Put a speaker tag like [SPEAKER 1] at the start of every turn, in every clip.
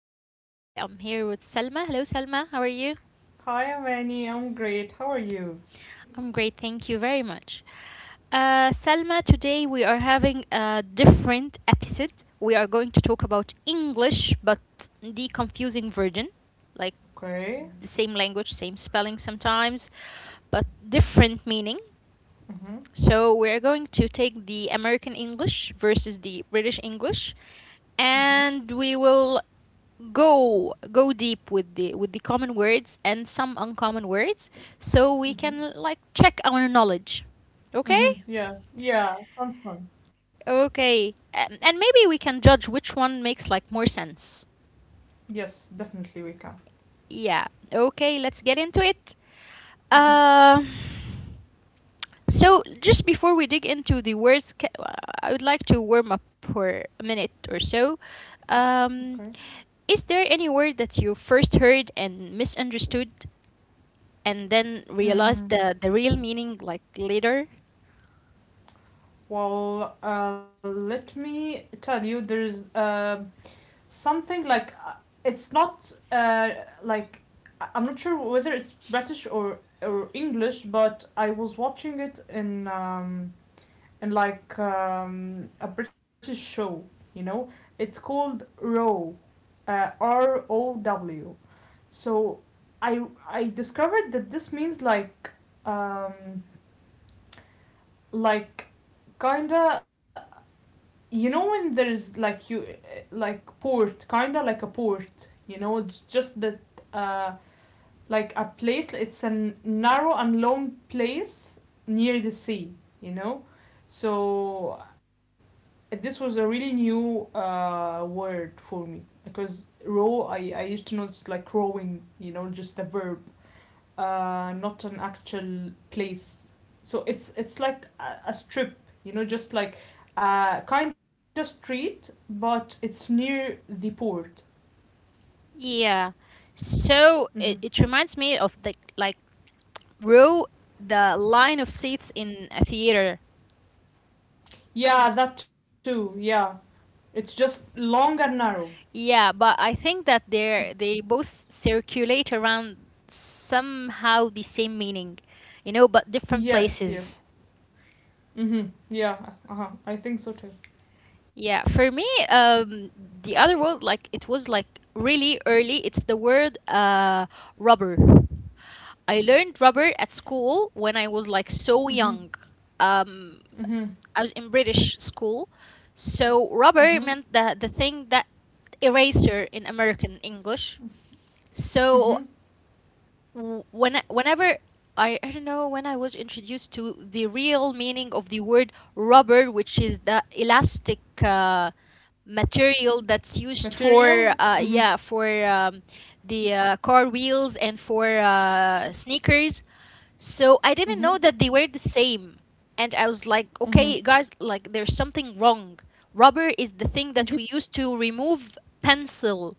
[SPEAKER 1] Amani, and today I'm here with Salma. Hello, Salma, how are you?
[SPEAKER 2] Hi, Amani. I'm great. How are you?
[SPEAKER 1] I'm great, thank you very much. Salma, today we are having a different episode. We are going to talk about English, but the confusing version, like the same
[SPEAKER 2] Okay.
[SPEAKER 1] language, same spelling sometimes, but different meaning.
[SPEAKER 2] Mm-hmm.
[SPEAKER 1] So we're going to take the American English versus the British English, and
[SPEAKER 2] Mm-hmm.
[SPEAKER 1] we will go deep with the common words and some uncommon words so we can
[SPEAKER 2] Mm-hmm.
[SPEAKER 1] like check our knowledge okay.
[SPEAKER 2] Mm-hmm. Yeah. Yeah. Sounds fun.
[SPEAKER 1] Okay, and maybe we can judge which one makes like more sense.
[SPEAKER 2] Yes, definitely we can.
[SPEAKER 1] Yeah. Okay, let's get into it.
[SPEAKER 2] Mm-hmm.
[SPEAKER 1] uh so just before we dig into the words I would like to warm up for a minute or so. um
[SPEAKER 2] Okay.
[SPEAKER 1] is there any word that you first heard and misunderstood and then realize
[SPEAKER 2] Mm.
[SPEAKER 1] the real meaning like later?
[SPEAKER 2] Well, let me tell you, there's something like it's not like I'm not sure whether it's British or English, but I was watching it in like a British show. You know, it's called Row. Row. So I discovered that this means um like kinda, you know, when there's like you like port, kinda like a port, you know, it's just that uh like a place. It's a narrow and long place near the sea, you know. So this was a really new word for me, because row, I used to know it's like rowing, you know, just a verb, not an actual place. So it's like a strip, you know, just like a kind of street, but it's near the port.
[SPEAKER 1] Yeah. So it,
[SPEAKER 2] Hmm.
[SPEAKER 1] it reminds me of the like Row, the line of seats in a theater.
[SPEAKER 2] Yeah, that too. Yeah, it's just long and narrow.
[SPEAKER 1] Yeah, but I think that they both circulate around somehow the same meaning, you know, but different
[SPEAKER 2] Yes, yes.
[SPEAKER 1] places.
[SPEAKER 2] Mm-hmm. Yeah. Uh-huh, I think so too.
[SPEAKER 1] Yeah, for me, the other word like it was like really early. It's the word rubber. I learned rubber at school when I was like so
[SPEAKER 2] Mm-hmm.
[SPEAKER 1] young. Um,
[SPEAKER 2] Mm-hmm.
[SPEAKER 1] I was in British school, so rubber
[SPEAKER 2] Mm-hmm.
[SPEAKER 1] meant the thing that eraser in American English. So
[SPEAKER 2] Mm-hmm.
[SPEAKER 1] whenever I don't know when I was introduced to the real meaning of the word rubber, which is the elastic material that's used
[SPEAKER 2] Material?
[SPEAKER 1] for
[SPEAKER 2] Mm-hmm.
[SPEAKER 1] yeah for the car wheels and for sneakers, so I didn't know
[SPEAKER 2] Mm-hmm.
[SPEAKER 1] that they were the same. And I was like, okay,
[SPEAKER 2] Mm-hmm.
[SPEAKER 1] guys, like there's something wrong. Rubber is the thing that we use to remove pencil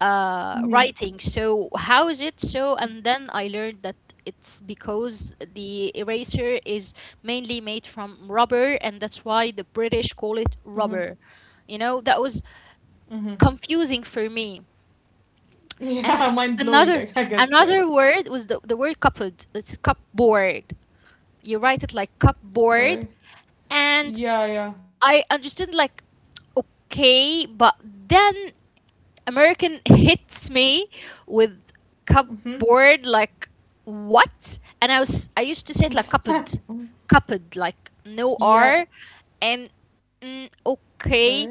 [SPEAKER 2] Mm-hmm.
[SPEAKER 1] writing. So how is it so? And then I learned that it's because the eraser is mainly made from rubber, and that's why the British call it
[SPEAKER 2] Mm-hmm.
[SPEAKER 1] rubber. You know, that was
[SPEAKER 2] Mm-hmm.
[SPEAKER 1] confusing for me. And
[SPEAKER 2] Yeah, mind
[SPEAKER 1] another
[SPEAKER 2] blowing, I guess
[SPEAKER 1] another
[SPEAKER 2] too.
[SPEAKER 1] word was the word cupboard. It's cupboard. You write it like cupboard,
[SPEAKER 2] Okay.
[SPEAKER 1] and
[SPEAKER 2] Yeah, yeah.
[SPEAKER 1] I understood like okay, but then American hits me with
[SPEAKER 2] Mm-hmm.
[SPEAKER 1] cupboard like what? And I used to say it like cupboard, cupboard like no r,
[SPEAKER 2] Yeah.
[SPEAKER 1] and mm,
[SPEAKER 2] Okay.
[SPEAKER 1] okay,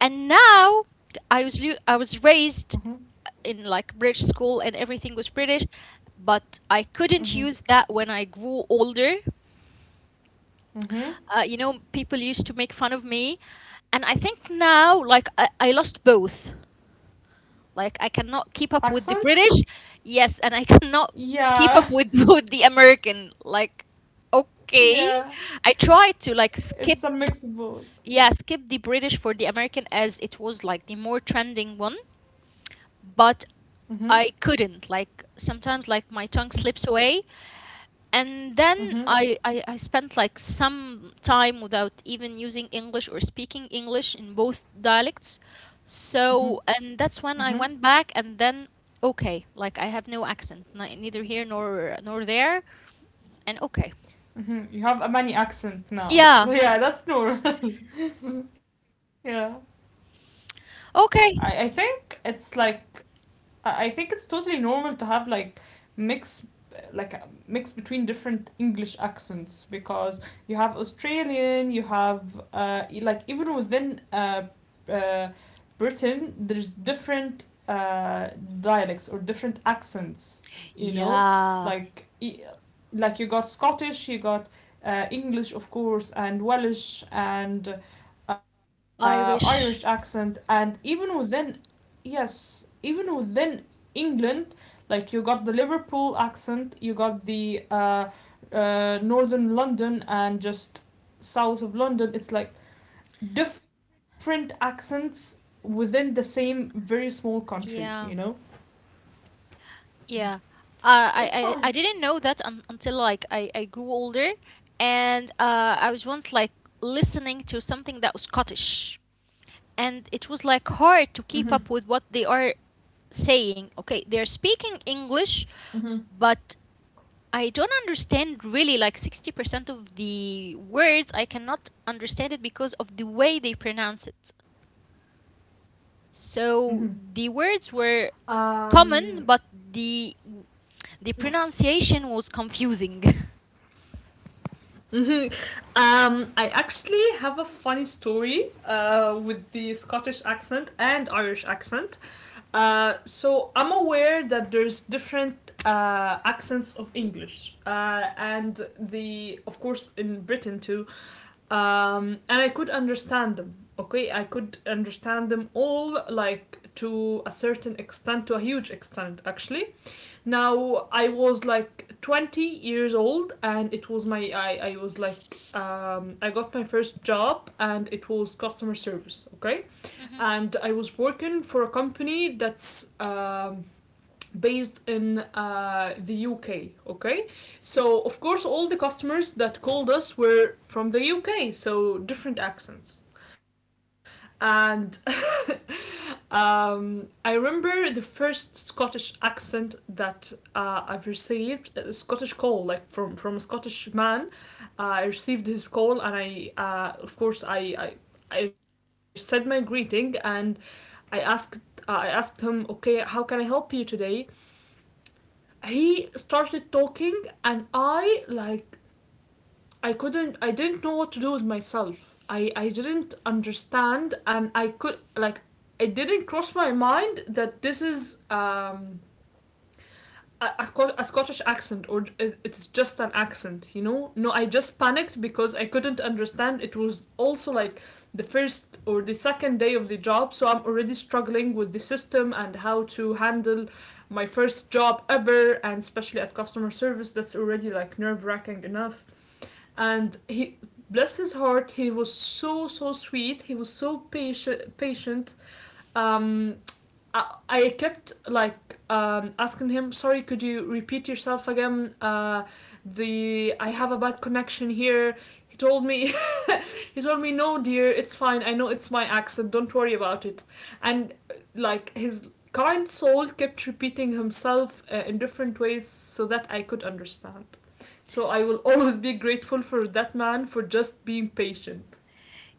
[SPEAKER 1] and now I was raised
[SPEAKER 2] Mm-hmm.
[SPEAKER 1] in like British school and everything was British, but I couldn't use
[SPEAKER 2] Mm-hmm.
[SPEAKER 1] that when I grew older.
[SPEAKER 2] Mm-hmm.
[SPEAKER 1] You know, people used to make fun of me. And I think now, like, I lost both. Like, I cannot keep up with the
[SPEAKER 2] Accents?
[SPEAKER 1] British, yes, and I cannot keep up
[SPEAKER 2] Yeah.
[SPEAKER 1] with, with the American. Like, okay.
[SPEAKER 2] Yeah.
[SPEAKER 1] I try to, like, skip,
[SPEAKER 2] It's a mix of both.
[SPEAKER 1] yeah, skip the British for the American as it was, like, the more trending one. But
[SPEAKER 2] Mm-hmm.
[SPEAKER 1] I couldn't. Like, sometimes, like, my tongue
[SPEAKER 2] Mm-hmm.
[SPEAKER 1] slips away and then
[SPEAKER 2] Mm-hmm.
[SPEAKER 1] I spent like some time without even using english or speaking english in both dialects,
[SPEAKER 2] Mm-hmm.
[SPEAKER 1] so and that's
[SPEAKER 2] Mm-hmm.
[SPEAKER 1] when I went back and then okay like I have no accent neither here nor there and okay.
[SPEAKER 2] Mm-hmm. You have a many accent now.
[SPEAKER 1] Yeah.
[SPEAKER 2] Yeah, that's normal. Yeah. I, I
[SPEAKER 1] Okay.
[SPEAKER 2] think it's like I think it's totally normal to have like mix, like a mix between different English accents, because you have Australian, you have like even within uh, Britain, there's different dialects or different accents. You know,
[SPEAKER 1] Yeah.
[SPEAKER 2] like like you got Scottish, you got English, of course, and Welsh and
[SPEAKER 1] Irish.
[SPEAKER 2] Irish accent, and even within, yes, even within England, like you got the Liverpool accent, you got the northern London, and just south of London. It's like different accents within the same very small country,
[SPEAKER 1] Yeah.
[SPEAKER 2] you know?
[SPEAKER 1] Yeah.
[SPEAKER 2] Mm-hmm.
[SPEAKER 1] Uh, I,
[SPEAKER 2] So
[SPEAKER 1] I
[SPEAKER 2] it's
[SPEAKER 1] didn't
[SPEAKER 2] fine.
[SPEAKER 1] know that un until like I grew older and I was once like listening to something that was Scottish and it was like hard
[SPEAKER 2] Mm-hmm.
[SPEAKER 1] to keep up with what they are saying. Okay, they're speaking English,
[SPEAKER 2] Mm-hmm.
[SPEAKER 1] but I don't understand really like 60% of the words. I cannot understand it because of the way they pronounce it.
[SPEAKER 2] Mm-hmm.
[SPEAKER 1] So the words were
[SPEAKER 2] Um,
[SPEAKER 1] common, but the pronunciation was confusing.
[SPEAKER 2] I actually have a funny story with the Scottish accent and Irish accent. So I'm aware that there's different accents of English, and the, of course, in Britain too. And I could understand them. Okay, I could understand them all, like to a certain extent, to a huge extent actually. Now I was like 20 years old, and it was my I was like I got my first job, and it was customer service. Okay,
[SPEAKER 1] Mhm.
[SPEAKER 2] and I was working for a company that's based in the UK. Okay, so of course all the customers that called us were from the UK, so different accents. And I remember the first Scottish accent that I've received, a Scottish call, like from a Scottish man. I received his call, and of course, I said my greeting, and I asked I asked him, okay, how can I help you today? He started talking, and I like I couldn't I didn't know what to do with myself. I didn't understand, and I could like it didn't cross my mind that this is a, a, a Scottish accent, or it's just an accent, you know? No, I just panicked because I couldn't understand. It was also like the first or the second day of the job, so I'm already struggling with the system and how to handle my first job ever, and especially at customer service that's already like nerve-wracking enough. And he, bless his heart, he was so so sweet. He was so patient. um I kept like asking him, sorry, could you repeat yourself again? The I have a bad connection here. He told me he told me, "No, dear, it's fine. I know it's my accent. Don't worry about it." And like his kind soul kept repeating himself, in different ways, so that I could understand. So I will always be grateful for that man for just being patient.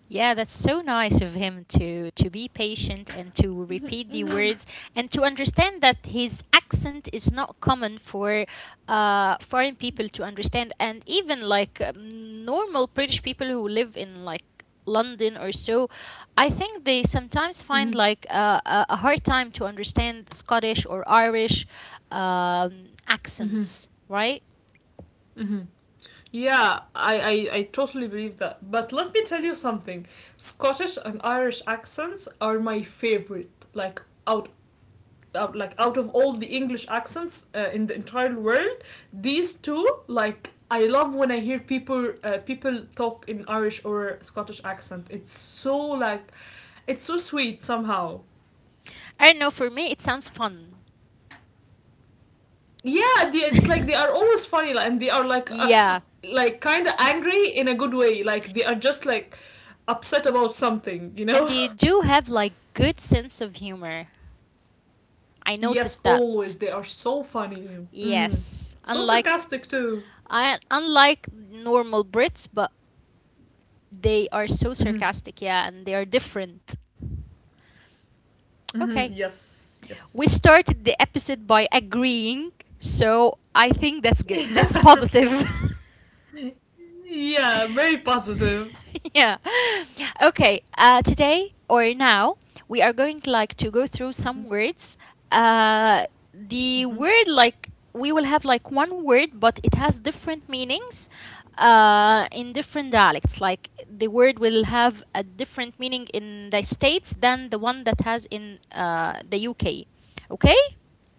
[SPEAKER 1] Yeah, that's so nice of him to be patient
[SPEAKER 2] Mm-hmm,
[SPEAKER 1] and to
[SPEAKER 2] mm-hmm.
[SPEAKER 1] repeat the words and to understand that his accent is not common for foreign people to understand and even like normal British people who live in like London or so, I think they sometimes
[SPEAKER 2] Mm-hmm,
[SPEAKER 1] find like a hard time to understand Scottish or Irish, um,
[SPEAKER 2] mm-hmm.
[SPEAKER 1] accents, right?
[SPEAKER 2] Mm-hmm. Yeah, I totally believe that. But let me tell you something. Scottish and Irish accents are my favorite, like, out of all the English accents in the entire world. These two, like, I love when I hear people talk in Irish or Scottish accent. It's so sweet somehow.
[SPEAKER 1] I don't know, for me, it sounds fun.
[SPEAKER 2] Yeah, it's like they are always funny, like, and they are
[SPEAKER 1] Yeah,
[SPEAKER 2] like kind of angry in a good way. Like they are just like upset about something, you
[SPEAKER 1] and
[SPEAKER 2] know?
[SPEAKER 1] they do have like good sense of humor. I
[SPEAKER 2] Yes,
[SPEAKER 1] noticed that.
[SPEAKER 2] always they are so funny. Mm-hmm.
[SPEAKER 1] Yes,
[SPEAKER 2] So
[SPEAKER 1] unlike
[SPEAKER 2] sarcastic too.
[SPEAKER 1] I, unlike normal Brits, but they are so
[SPEAKER 2] Mm-hmm.
[SPEAKER 1] sarcastic, yeah, and they are different.
[SPEAKER 2] Mm-hmm.
[SPEAKER 1] Okay.
[SPEAKER 2] Yes, yes.
[SPEAKER 1] We started the episode by agreeing, so I think that's good. That's
[SPEAKER 2] Yeah.
[SPEAKER 1] positive.
[SPEAKER 2] Yeah, very positive.
[SPEAKER 1] Yeah. Okay. Today or now, we are going like to go through
[SPEAKER 2] Mhm.
[SPEAKER 1] some words. Uh, the
[SPEAKER 2] Mhm.
[SPEAKER 1] word like we will have like one word, but it has different meanings in different dialects. Like the word will have a different meaning in the states than the one that has in the UK. Okay.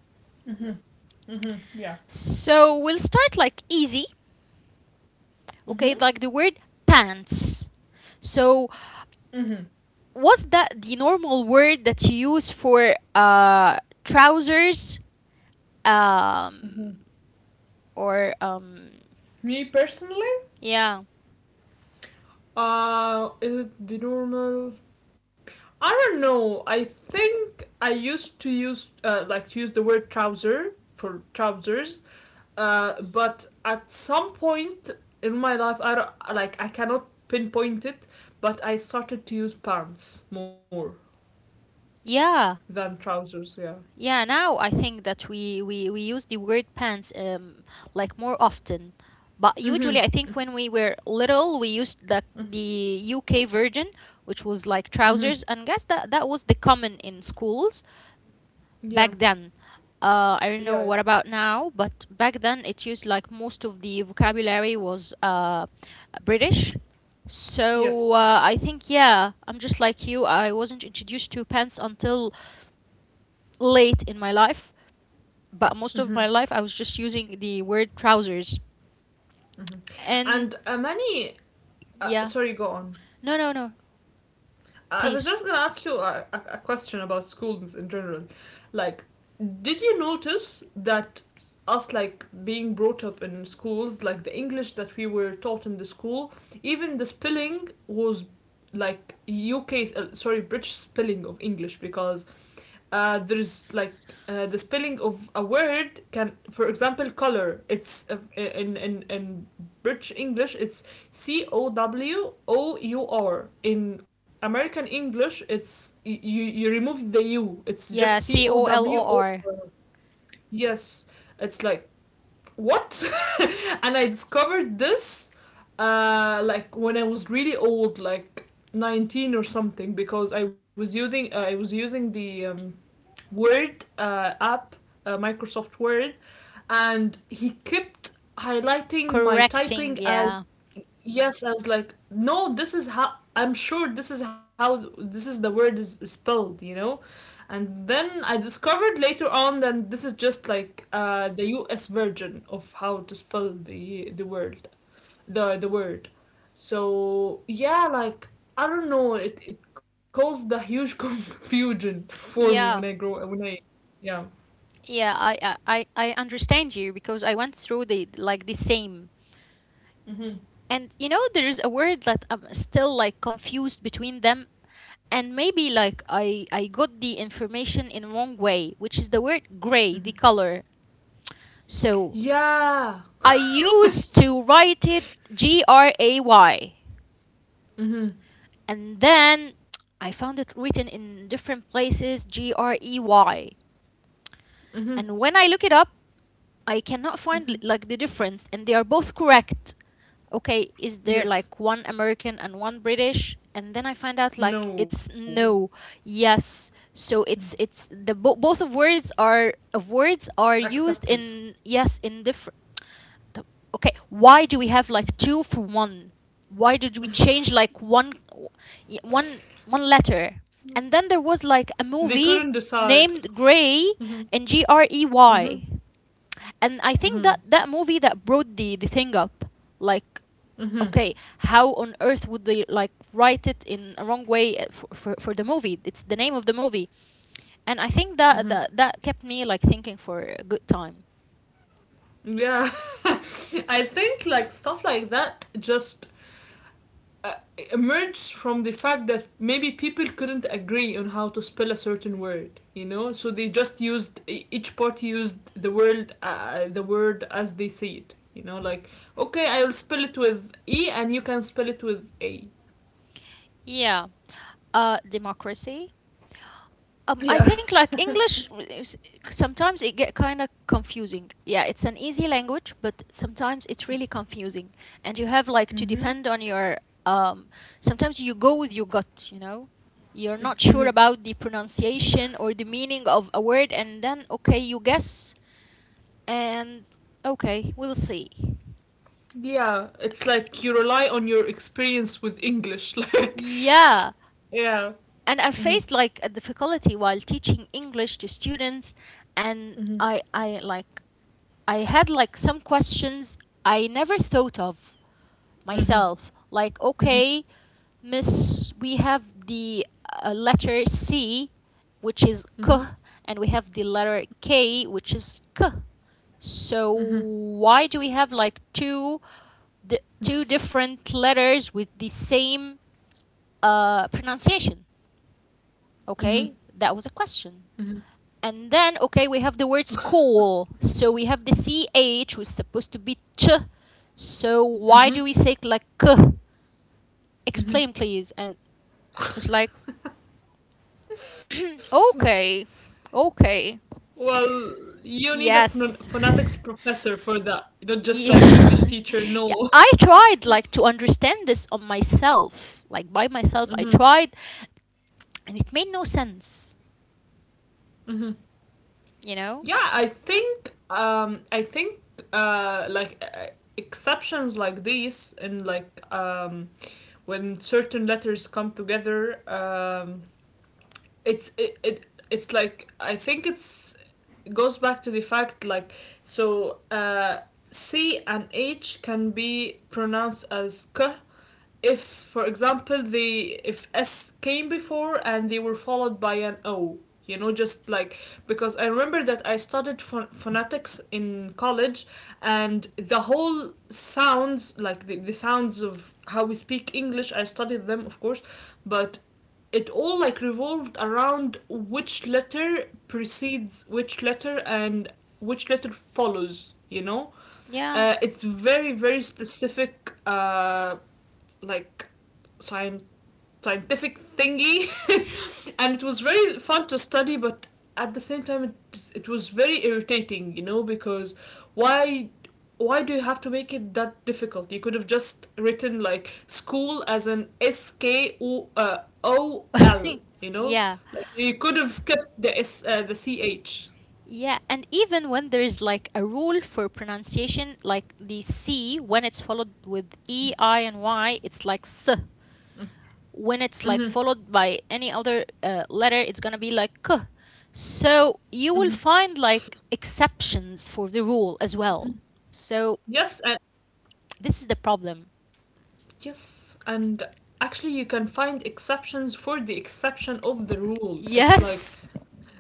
[SPEAKER 2] Mhm. Mhm. Yeah.
[SPEAKER 1] So we'll start like easy.
[SPEAKER 2] Mhm.
[SPEAKER 1] Okay, like the word pants. So
[SPEAKER 2] Mhm.
[SPEAKER 1] was that the normal word that you use for trousers um
[SPEAKER 2] Mhm.
[SPEAKER 1] or
[SPEAKER 2] Me personally?
[SPEAKER 1] yeah?
[SPEAKER 2] Is it the normal? I don't know. I think I used to use like to use the word trouser for trousers. But at some point in my life, I don't, like I cannot pinpoint it, but I started to use pants more
[SPEAKER 1] Yeah.
[SPEAKER 2] than trousers. Yeah.
[SPEAKER 1] Yeah, now I think that we use the word pants like more often, but usually
[SPEAKER 2] Mhm.
[SPEAKER 1] I think when we were little we used the uk version which was like
[SPEAKER 2] Mm-hmm.
[SPEAKER 1] trousers, and guess that that was the common in schools
[SPEAKER 2] Yeah.
[SPEAKER 1] back then. I don't
[SPEAKER 2] Yeah. Yeah.
[SPEAKER 1] know what about now, but back then it used like most of the vocabulary was British. So
[SPEAKER 2] Yes.
[SPEAKER 1] I think, yeah, I'm just like you. I wasn't introduced to pants until late in my life, but most of
[SPEAKER 2] Mm-hmm.
[SPEAKER 1] my life I was just using the word trousers.
[SPEAKER 2] Mm-hmm.
[SPEAKER 1] And
[SPEAKER 2] And many. Uh,
[SPEAKER 1] yeah,
[SPEAKER 2] sorry, go on.
[SPEAKER 1] no, no, no,
[SPEAKER 2] I was
[SPEAKER 1] please.
[SPEAKER 2] just gonna ask you a question about schools in general. Like, did you notice that us, like, being brought up in schools, like, the English that we were taught in the school, even the spelling was like UK, sorry, British spelling of English, because there's like the spelling of a word can, for example, color. It's in British English, it's C O W O U R. In American English, it's, you remove the U. It's just
[SPEAKER 1] Yeah,
[SPEAKER 2] C O
[SPEAKER 1] C O L
[SPEAKER 2] W
[SPEAKER 1] O
[SPEAKER 2] O R.
[SPEAKER 1] R.
[SPEAKER 2] Yes, it's like, what? And I discovered this like when I was really old, like 19 or something, because I was using the Word app, Microsoft Word, and he kept highlighting my
[SPEAKER 1] Correcting,
[SPEAKER 2] typing as,
[SPEAKER 1] yeah.
[SPEAKER 2] yes, I was like, no, this is how I'm sure, this is how, this is the word is spelled, you know. And then I discovered later on that this is just like the U.S. version of how to spell the word. So yeah, like, I don't know, it caused a huge confusion for me when
[SPEAKER 1] Yeah,
[SPEAKER 2] I grow, when I— yeah.
[SPEAKER 1] yeah, I understand you because I went through the like the same.
[SPEAKER 2] Hmm.
[SPEAKER 1] And you know, there's a word that I'm still like confused between them, and maybe like I got the information in wrong way, which is the word gray, the
[SPEAKER 2] Hmm.
[SPEAKER 1] color. So
[SPEAKER 2] Yeah.
[SPEAKER 1] I used to write it Gray,
[SPEAKER 2] Hmm.
[SPEAKER 1] and then I found it written in different places Grey.
[SPEAKER 2] Hmm.
[SPEAKER 1] And when I look it up, I cannot find
[SPEAKER 2] Hmm.
[SPEAKER 1] like the difference, and they are both correct. Okay, is there like
[SPEAKER 2] Yes.
[SPEAKER 1] one American and one British? And then I find out like it's
[SPEAKER 2] No.
[SPEAKER 1] no, yes. So
[SPEAKER 2] Mm.
[SPEAKER 1] it's the both of words are used
[SPEAKER 2] Accepted.
[SPEAKER 1] in yes in different. Okay, why do we have like two for one? Why did we change
[SPEAKER 2] Mm.
[SPEAKER 1] like one one letter? And then there was like
[SPEAKER 2] They
[SPEAKER 1] a
[SPEAKER 2] couldn't
[SPEAKER 1] movie
[SPEAKER 2] decide.
[SPEAKER 1] named
[SPEAKER 2] Hmm.
[SPEAKER 1] Grey and G R E
[SPEAKER 2] Hmm.
[SPEAKER 1] Y. And I think that
[SPEAKER 2] Hmm.
[SPEAKER 1] that movie that brought the thing up like
[SPEAKER 2] Hmm.
[SPEAKER 1] okay, how on earth would they like write it in a wrong way for the movie, it's the name of the movie, and I think
[SPEAKER 2] Hmm.
[SPEAKER 1] that that kept me like thinking for a good time.
[SPEAKER 2] Yeah. I think like stuff like that just uh, emerged from the fact that maybe people couldn't agree on how to spell a certain word, you know, so they just used each party used the word as they see it, you know, like, okay, I will spell it with E and you can spell it with A.
[SPEAKER 1] Yeah. Democracy. I
[SPEAKER 2] Yeah.
[SPEAKER 1] think like English is- sometimes it get kind of confusing. Yeah, it's an easy language, but sometimes it's really confusing, and you have like to depend
[SPEAKER 2] Mm-hmm.
[SPEAKER 1] on your um. Sometimes you go with your gut, you know. You're not sure
[SPEAKER 2] Mm-hmm.
[SPEAKER 1] about the pronunciation or the meaning of a word, and then okay, you guess, and okay, we'll see.
[SPEAKER 2] Yeah, it's like you rely on your experience with English. Like,
[SPEAKER 1] Yeah,
[SPEAKER 2] uh,
[SPEAKER 1] and
[SPEAKER 2] yeah.
[SPEAKER 1] I faced like
[SPEAKER 2] Mm-hmm.
[SPEAKER 1] a difficulty while teaching English to students, and
[SPEAKER 2] Mm-hmm.
[SPEAKER 1] I like I had like some questions I never thought of myself.
[SPEAKER 2] Mm-hmm.
[SPEAKER 1] Like, okay, miss, we have the letter C, which is K,
[SPEAKER 2] Mm-hmm.
[SPEAKER 1] and we have the letter K, which is K. So
[SPEAKER 2] Mm-hmm.
[SPEAKER 1] why do we have like two two different letters with the same pronunciation?
[SPEAKER 2] Mm-hmm.
[SPEAKER 1] Okay, that was a question. And then, okay, we have the word school. So we have the ch, which is supposed to be ch. So why do we
[SPEAKER 2] Mm-hmm.
[SPEAKER 1] say like k? Explain, please. And it's
[SPEAKER 2] Mm-hmm.
[SPEAKER 1] like, okay, okay,
[SPEAKER 2] Well, you need a
[SPEAKER 1] yes.
[SPEAKER 2] phonetics professor for that, not just like English
[SPEAKER 1] Yeah.
[SPEAKER 2] teacher.
[SPEAKER 1] Yeah.
[SPEAKER 2] No.
[SPEAKER 1] I tried like to understand this on myself, like by myself. I
[SPEAKER 2] Hmm.
[SPEAKER 1] tried and it made no sense,
[SPEAKER 2] Hmm.
[SPEAKER 1] you
[SPEAKER 2] Yeah,
[SPEAKER 1] know?
[SPEAKER 2] I think like exceptions like these, and like when certain letters come together, it's like, I think it's it goes back to the fact, like, so uh, C and H can be pronounced as K if, for example, they if S came before and they were followed by an O. You know, just like, because I remember that I studied phonetics in college, and the whole sounds like the sounds of how we speak English. I studied them, of course, but it all like revolved around which letter precedes which letter and which letter follows, you know.
[SPEAKER 1] Yeah.
[SPEAKER 2] It's very very specific, like science scientific thingy. And it was very fun to study, but at the same time, it was very irritating, you know, because why why do you have to make it that difficult? You could have just written like school as an S K O O L, you know,
[SPEAKER 1] Yeah.
[SPEAKER 2] like you could have skipped the S, the C H.
[SPEAKER 1] Yeah, and even when there is like a rule for pronunciation, like the C, when it's followed with E, I, and Y, it's like S. When it's like
[SPEAKER 2] Mm-hmm.
[SPEAKER 1] followed by any other letter, it's gonna be like K. So you will find like exceptions for the rule as well. So
[SPEAKER 2] yes and
[SPEAKER 1] this is the problem.
[SPEAKER 2] yes, and actually you can find exceptions for the exception of the rule, it's like—
[SPEAKER 1] Yes.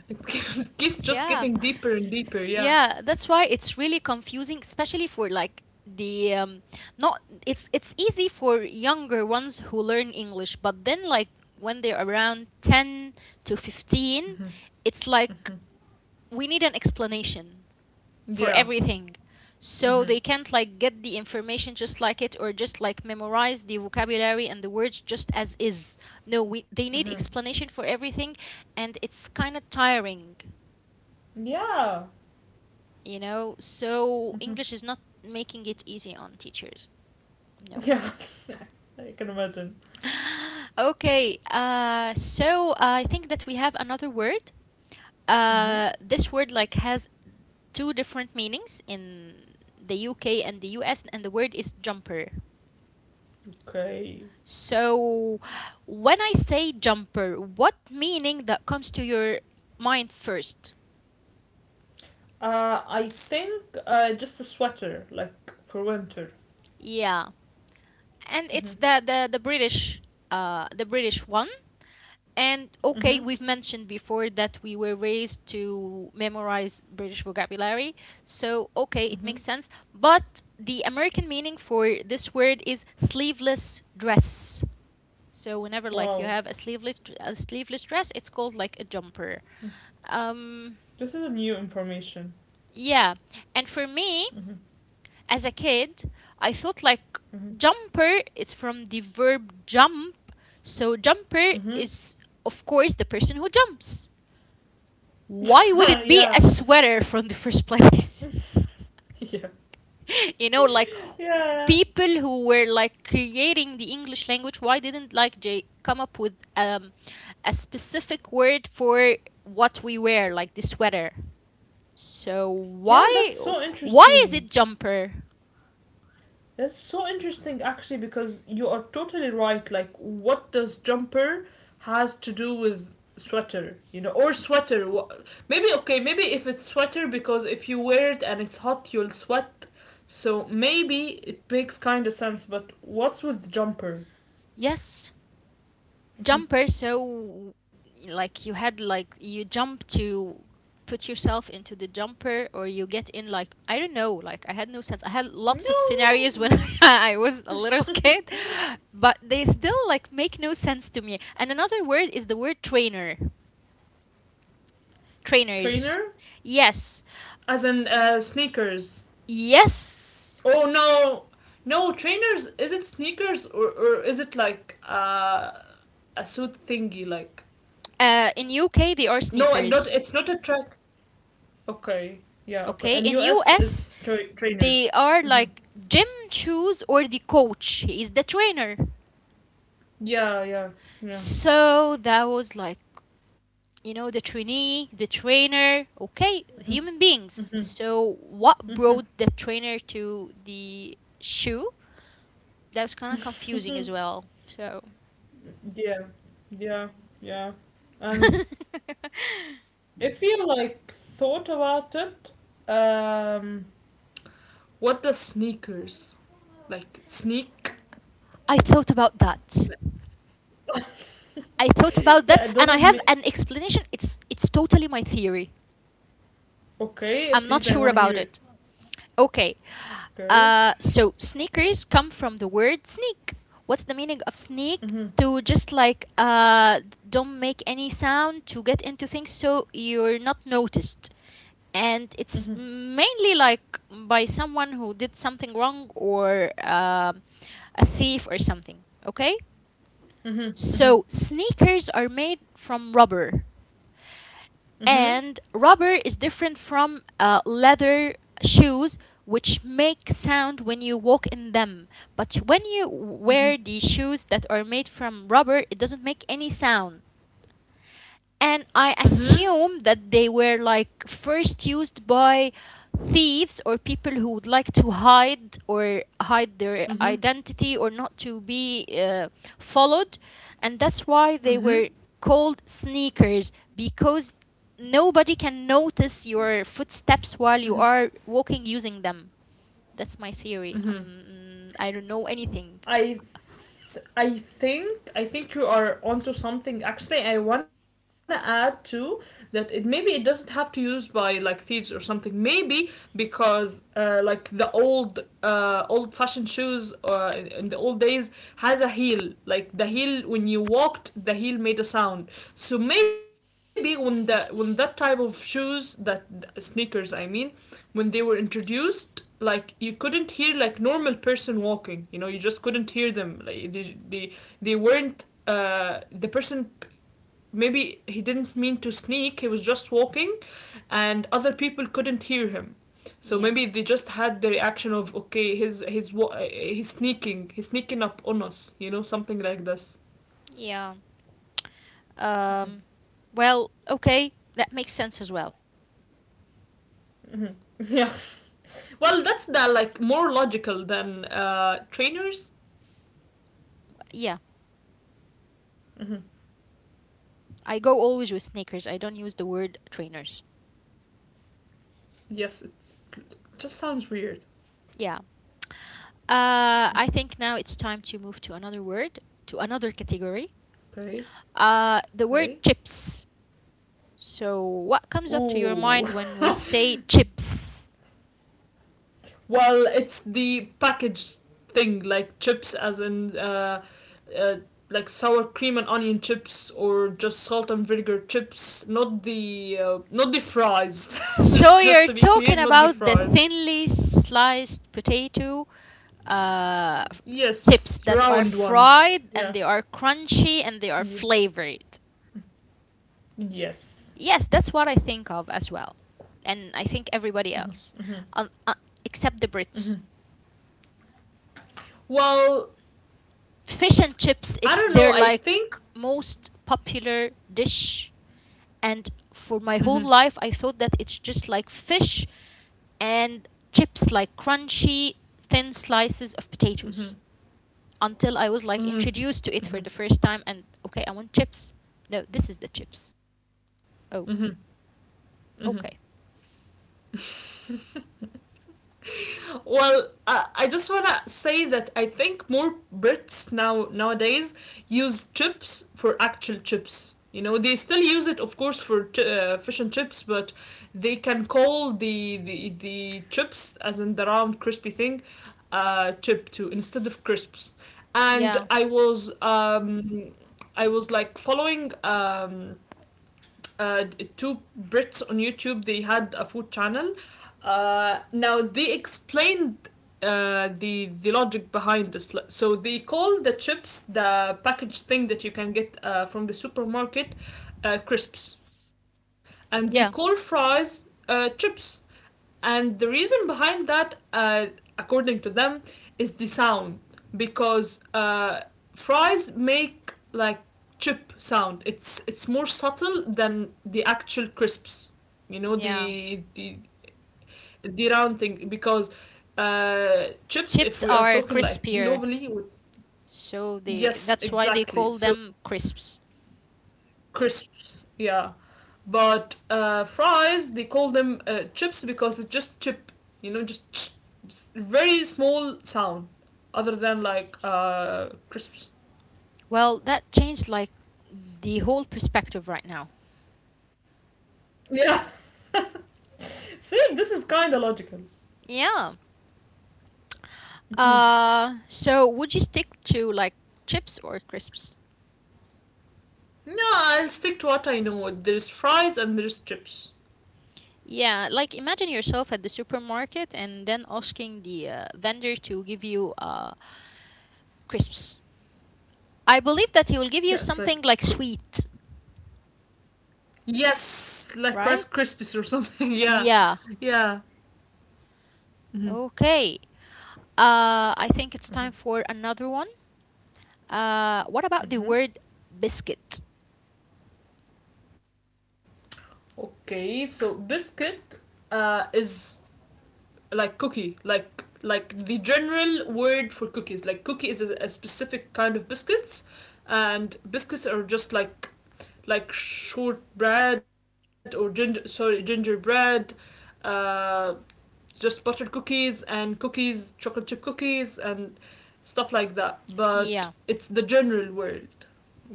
[SPEAKER 2] It keeps, keeps just
[SPEAKER 1] Yeah.
[SPEAKER 2] getting deeper and deeper. Yeah.
[SPEAKER 1] Yeah, that's why it's really confusing, especially for like the not it's it's easy for younger ones who learn English, but then like when they're around 10 to 15, it's like we need an explanation for
[SPEAKER 2] Yeah.
[SPEAKER 1] everything. So they
[SPEAKER 2] Mm-hmm.
[SPEAKER 1] can't like get the information just like it or just like memorize the vocabulary and the words just as is. No, we they need
[SPEAKER 2] Mm-hmm.
[SPEAKER 1] explanation for everything and it's kind of tiring,
[SPEAKER 2] Yeah.
[SPEAKER 1] you know? So
[SPEAKER 2] Mm-hmm.
[SPEAKER 1] English is not making it easy on teachers. No.
[SPEAKER 2] Yeah. I can imagine.
[SPEAKER 1] Okay. So I think that we have another word.
[SPEAKER 2] Mm-hmm.
[SPEAKER 1] This word like has two different meanings in the UK and the US, and the word is jumper.
[SPEAKER 2] Okay.
[SPEAKER 1] So when I say jumper, what meaning that comes to your mind first?
[SPEAKER 2] I think just a sweater, like for winter.
[SPEAKER 1] Yeah, and it's
[SPEAKER 2] Mm-hmm.
[SPEAKER 1] the British, the British one. And
[SPEAKER 2] Mm-hmm.
[SPEAKER 1] okay, we've mentioned before that we were raised to memorize British vocabulary. So, okay, it
[SPEAKER 2] Mm-hmm.
[SPEAKER 1] makes sense. But the American meaning for this word is sleeveless dress. So, whenever like you
[SPEAKER 2] Wow.
[SPEAKER 1] have a sleeveless dress, it's called like a jumper.
[SPEAKER 2] This
[SPEAKER 1] Um
[SPEAKER 2] is a new information.
[SPEAKER 1] yeah. And for me,
[SPEAKER 2] Mm-hmm.
[SPEAKER 1] as a kid, I thought like
[SPEAKER 2] Mm-hmm.
[SPEAKER 1] jumper it's from the verb jump. So, jumper is of course the person who jumps. Why
[SPEAKER 2] Mm-hmm.
[SPEAKER 1] would it
[SPEAKER 2] Yeah.
[SPEAKER 1] be a sweater from the first place? You know, like
[SPEAKER 2] Yeah.
[SPEAKER 1] people who were like creating the English language, why didn't like they come up with a specific word for what we wear, like the sweater? So
[SPEAKER 2] Yeah. That's so
[SPEAKER 1] why is
[SPEAKER 2] interesting.
[SPEAKER 1] it jumper?
[SPEAKER 2] That's so interesting actually, because you are totally right. Like, what does jumper has to do with sweater, you know, or sweater. Maybe, okay, maybe if it's sweater because if you wear it and it's hot, you'll sweat. So maybe it makes kind of sense, but what's with jumper?
[SPEAKER 1] Yes. Jumper, so like you had like you jump to put yourself into the jumper or you get in, like I don't know, like I had no sense, I had lots of scenarios when
[SPEAKER 2] No.
[SPEAKER 1] I was a little kid, but they still like make no sense to me. And another word is the word trainer
[SPEAKER 2] Trainer
[SPEAKER 1] trainers Yes.
[SPEAKER 2] as in sneakers.
[SPEAKER 1] Yes,
[SPEAKER 2] Oh no, no trainers. Is it sneakers or is it like a suit thingy? Like
[SPEAKER 1] in UK they are
[SPEAKER 2] no, not
[SPEAKER 1] sneakers.
[SPEAKER 2] it's not a track. Okay, yeah,
[SPEAKER 1] Okay,
[SPEAKER 2] okay.
[SPEAKER 1] in
[SPEAKER 2] And US
[SPEAKER 1] US
[SPEAKER 2] is
[SPEAKER 1] they
[SPEAKER 2] trainers.
[SPEAKER 1] are like
[SPEAKER 2] Hmm.
[SPEAKER 1] gym shoes, or the coach, he is the trainer.
[SPEAKER 2] Yeah, yeah, yeah.
[SPEAKER 1] So that was like, you know, the trainee, the trainer, okay, human beings.
[SPEAKER 2] Hmm.
[SPEAKER 1] So what brought the trainer to the shoe? That was kind of confusing as well. So
[SPEAKER 2] Yeah, yeah, yeah. And if you like thought about it, um, what does sneakers like sneak?
[SPEAKER 1] I thought about that. I thought about that,
[SPEAKER 2] Yeah, it
[SPEAKER 1] and I
[SPEAKER 2] doesn't
[SPEAKER 1] have
[SPEAKER 2] make.
[SPEAKER 1] an explanation. It's totally my theory.
[SPEAKER 2] Okay,
[SPEAKER 1] I'm not
[SPEAKER 2] please, I
[SPEAKER 1] sure
[SPEAKER 2] want to hear
[SPEAKER 1] about
[SPEAKER 2] it.
[SPEAKER 1] it. Okay.
[SPEAKER 2] Okay.
[SPEAKER 1] So sneakers come from the word sneak. What's the meaning of sneak?
[SPEAKER 2] Mhm.
[SPEAKER 1] To just like don't make any sound to get into things so you're not noticed. And it's
[SPEAKER 2] Mhm.
[SPEAKER 1] mainly like by someone who did something wrong, or a thief or something. Okay?
[SPEAKER 2] Mhm. Mhm.
[SPEAKER 1] So sneakers are made from rubber.
[SPEAKER 2] Mhm.
[SPEAKER 1] And rubber is different from leather shoes, which make sound when you walk in them. But when you
[SPEAKER 2] Mhm.
[SPEAKER 1] wear the shoes that are made from rubber, it doesn't make any sound, and I
[SPEAKER 2] Mhm.
[SPEAKER 1] assume that they were like first used by thieves or people who would like to hide, or hide their
[SPEAKER 2] Mhm.
[SPEAKER 1] identity, or not to be followed, and that's why they
[SPEAKER 2] Mhm.
[SPEAKER 1] were called sneakers, because nobody can notice your footsteps while
[SPEAKER 2] Mhm.
[SPEAKER 1] you are walking using them. That's my theory.
[SPEAKER 2] Mhm.
[SPEAKER 1] I don't know anything.
[SPEAKER 2] I I think you are onto something. Actually, I wanna add too that it maybe it doesn't have to use by like thieves or something. Maybe because like the old fashioned shoes in the old days has a heel. Like the heel when you walked, the heel made a sound. So maybe when the when that type of shoes that sneakers I mean when they were introduced, like you couldn't hear like normal person walking, you know, you just couldn't hear them, like they weren't the person maybe he didn't mean to sneak, he was just walking and other people couldn't hear him. So
[SPEAKER 1] Yeah,
[SPEAKER 2] maybe they just had the reaction of okay, he's sneaking, he's sneaking up on us, you know, something like this.
[SPEAKER 1] yeah. Um, well, okay, that makes sense as well.
[SPEAKER 2] Mm-hmm. Yeah. Well, that's the like more logical than trainers.
[SPEAKER 1] Yeah.
[SPEAKER 2] Mm-hmm.
[SPEAKER 1] I go always with sneakers. I don't use the word trainers.
[SPEAKER 2] Yes, it just sounds weird.
[SPEAKER 1] Yeah. I think now it's time to move to another word, to another category.
[SPEAKER 2] Okay,
[SPEAKER 1] The word
[SPEAKER 2] okay.
[SPEAKER 1] chips. So, what comes up to your
[SPEAKER 2] Ooh.
[SPEAKER 1] mind when we say chips?
[SPEAKER 2] Well, it's the packaged thing, like chips, as in uh, like sour cream and onion chips, or just salt and vinegar chips. Not the not the fries.
[SPEAKER 1] So,
[SPEAKER 2] Just
[SPEAKER 1] you're
[SPEAKER 2] to be clear,
[SPEAKER 1] talking
[SPEAKER 2] not the
[SPEAKER 1] about the
[SPEAKER 2] fries.
[SPEAKER 1] thinly sliced potato uh, chips
[SPEAKER 2] Yes,
[SPEAKER 1] that are
[SPEAKER 2] round ones.
[SPEAKER 1] fried and
[SPEAKER 2] Yeah.
[SPEAKER 1] they are crunchy and they are
[SPEAKER 2] Ye-
[SPEAKER 1] flavored.
[SPEAKER 2] yes.
[SPEAKER 1] Yes, that's what I think of as well. And I think everybody else,
[SPEAKER 2] Hmm.
[SPEAKER 1] um, uh, except the
[SPEAKER 2] Hmm.
[SPEAKER 1] Brits.
[SPEAKER 2] Well,
[SPEAKER 1] Fish and chips,
[SPEAKER 2] I
[SPEAKER 1] it's
[SPEAKER 2] don't know.
[SPEAKER 1] their
[SPEAKER 2] I
[SPEAKER 1] like
[SPEAKER 2] think.
[SPEAKER 1] most popular dish. And for my whole
[SPEAKER 2] Hmm.
[SPEAKER 1] life, I thought that it's just like fish and chips, like crunchy, thin slices of potatoes.
[SPEAKER 2] Hmm.
[SPEAKER 1] Until I was like
[SPEAKER 2] Hmm.
[SPEAKER 1] introduced to it for
[SPEAKER 2] Hmm.
[SPEAKER 1] the first time, and okay, I want chips. No, this is the chips.
[SPEAKER 2] Hmm.
[SPEAKER 1] Oh,
[SPEAKER 2] Hmm.
[SPEAKER 1] okay.
[SPEAKER 2] Well, I just wanna say that I think more Brits nowadays use chips for actual chips. You know, they still use it, of course, for fish and chips, but they can call the the chips, as in the round crispy thing, chip too instead of crisps. And
[SPEAKER 1] Yeah,
[SPEAKER 2] I was like following uh, two Brits on YouTube. They had a food channel. Now they explained the logic behind this. So they call the chips the packaged thing that you can get from the supermarket crisps, and they call
[SPEAKER 1] yeah,
[SPEAKER 2] fries chips. And the reason behind that, according to them, is the sound, because fries make like chip sound. It's more subtle than the actual crisps. You know
[SPEAKER 1] yeah.
[SPEAKER 2] the the round thing, because chips. If
[SPEAKER 1] Chips
[SPEAKER 2] we are
[SPEAKER 1] are
[SPEAKER 2] talking like
[SPEAKER 1] crispier,
[SPEAKER 2] globally,
[SPEAKER 1] so they,
[SPEAKER 2] yes,
[SPEAKER 1] that's why they
[SPEAKER 2] exactly.
[SPEAKER 1] call
[SPEAKER 2] So
[SPEAKER 1] them crisps.
[SPEAKER 2] crisps. Yeah, but fries they call them chips because it's just chip. You know, just just very small sound, other than like crisps.
[SPEAKER 1] Well, that changed like the whole perspective right now.
[SPEAKER 2] Yeah. See, this is kind of logical.
[SPEAKER 1] Yeah. So would you stick to like chips or crisps?
[SPEAKER 2] No, I'll stick to what I know. There's fries and there's chips.
[SPEAKER 1] Yeah, like imagine yourself at the supermarket and then asking the vendor to give you crisps. I believe that he will give you
[SPEAKER 2] Yeah, it's like
[SPEAKER 1] something like
[SPEAKER 2] cr-
[SPEAKER 1] sweet,
[SPEAKER 2] yes, like Rice
[SPEAKER 1] right?
[SPEAKER 2] Krispies or something. Yeah,
[SPEAKER 1] Yeah.
[SPEAKER 2] yeah. Mm-hmm.
[SPEAKER 1] Okay. I think it's time for another one. What about the word
[SPEAKER 2] Mm-hmm.
[SPEAKER 1] biscuit?
[SPEAKER 2] Okay, so biscuit is like cookie, like the general word for cookies. Like cookie is a specific kind of biscuits, and biscuits are just like shortbread or gingerbread, uh, just buttered cookies and cookies, chocolate chip cookies and stuff like that. But
[SPEAKER 1] Yeah.
[SPEAKER 2] it's the general word.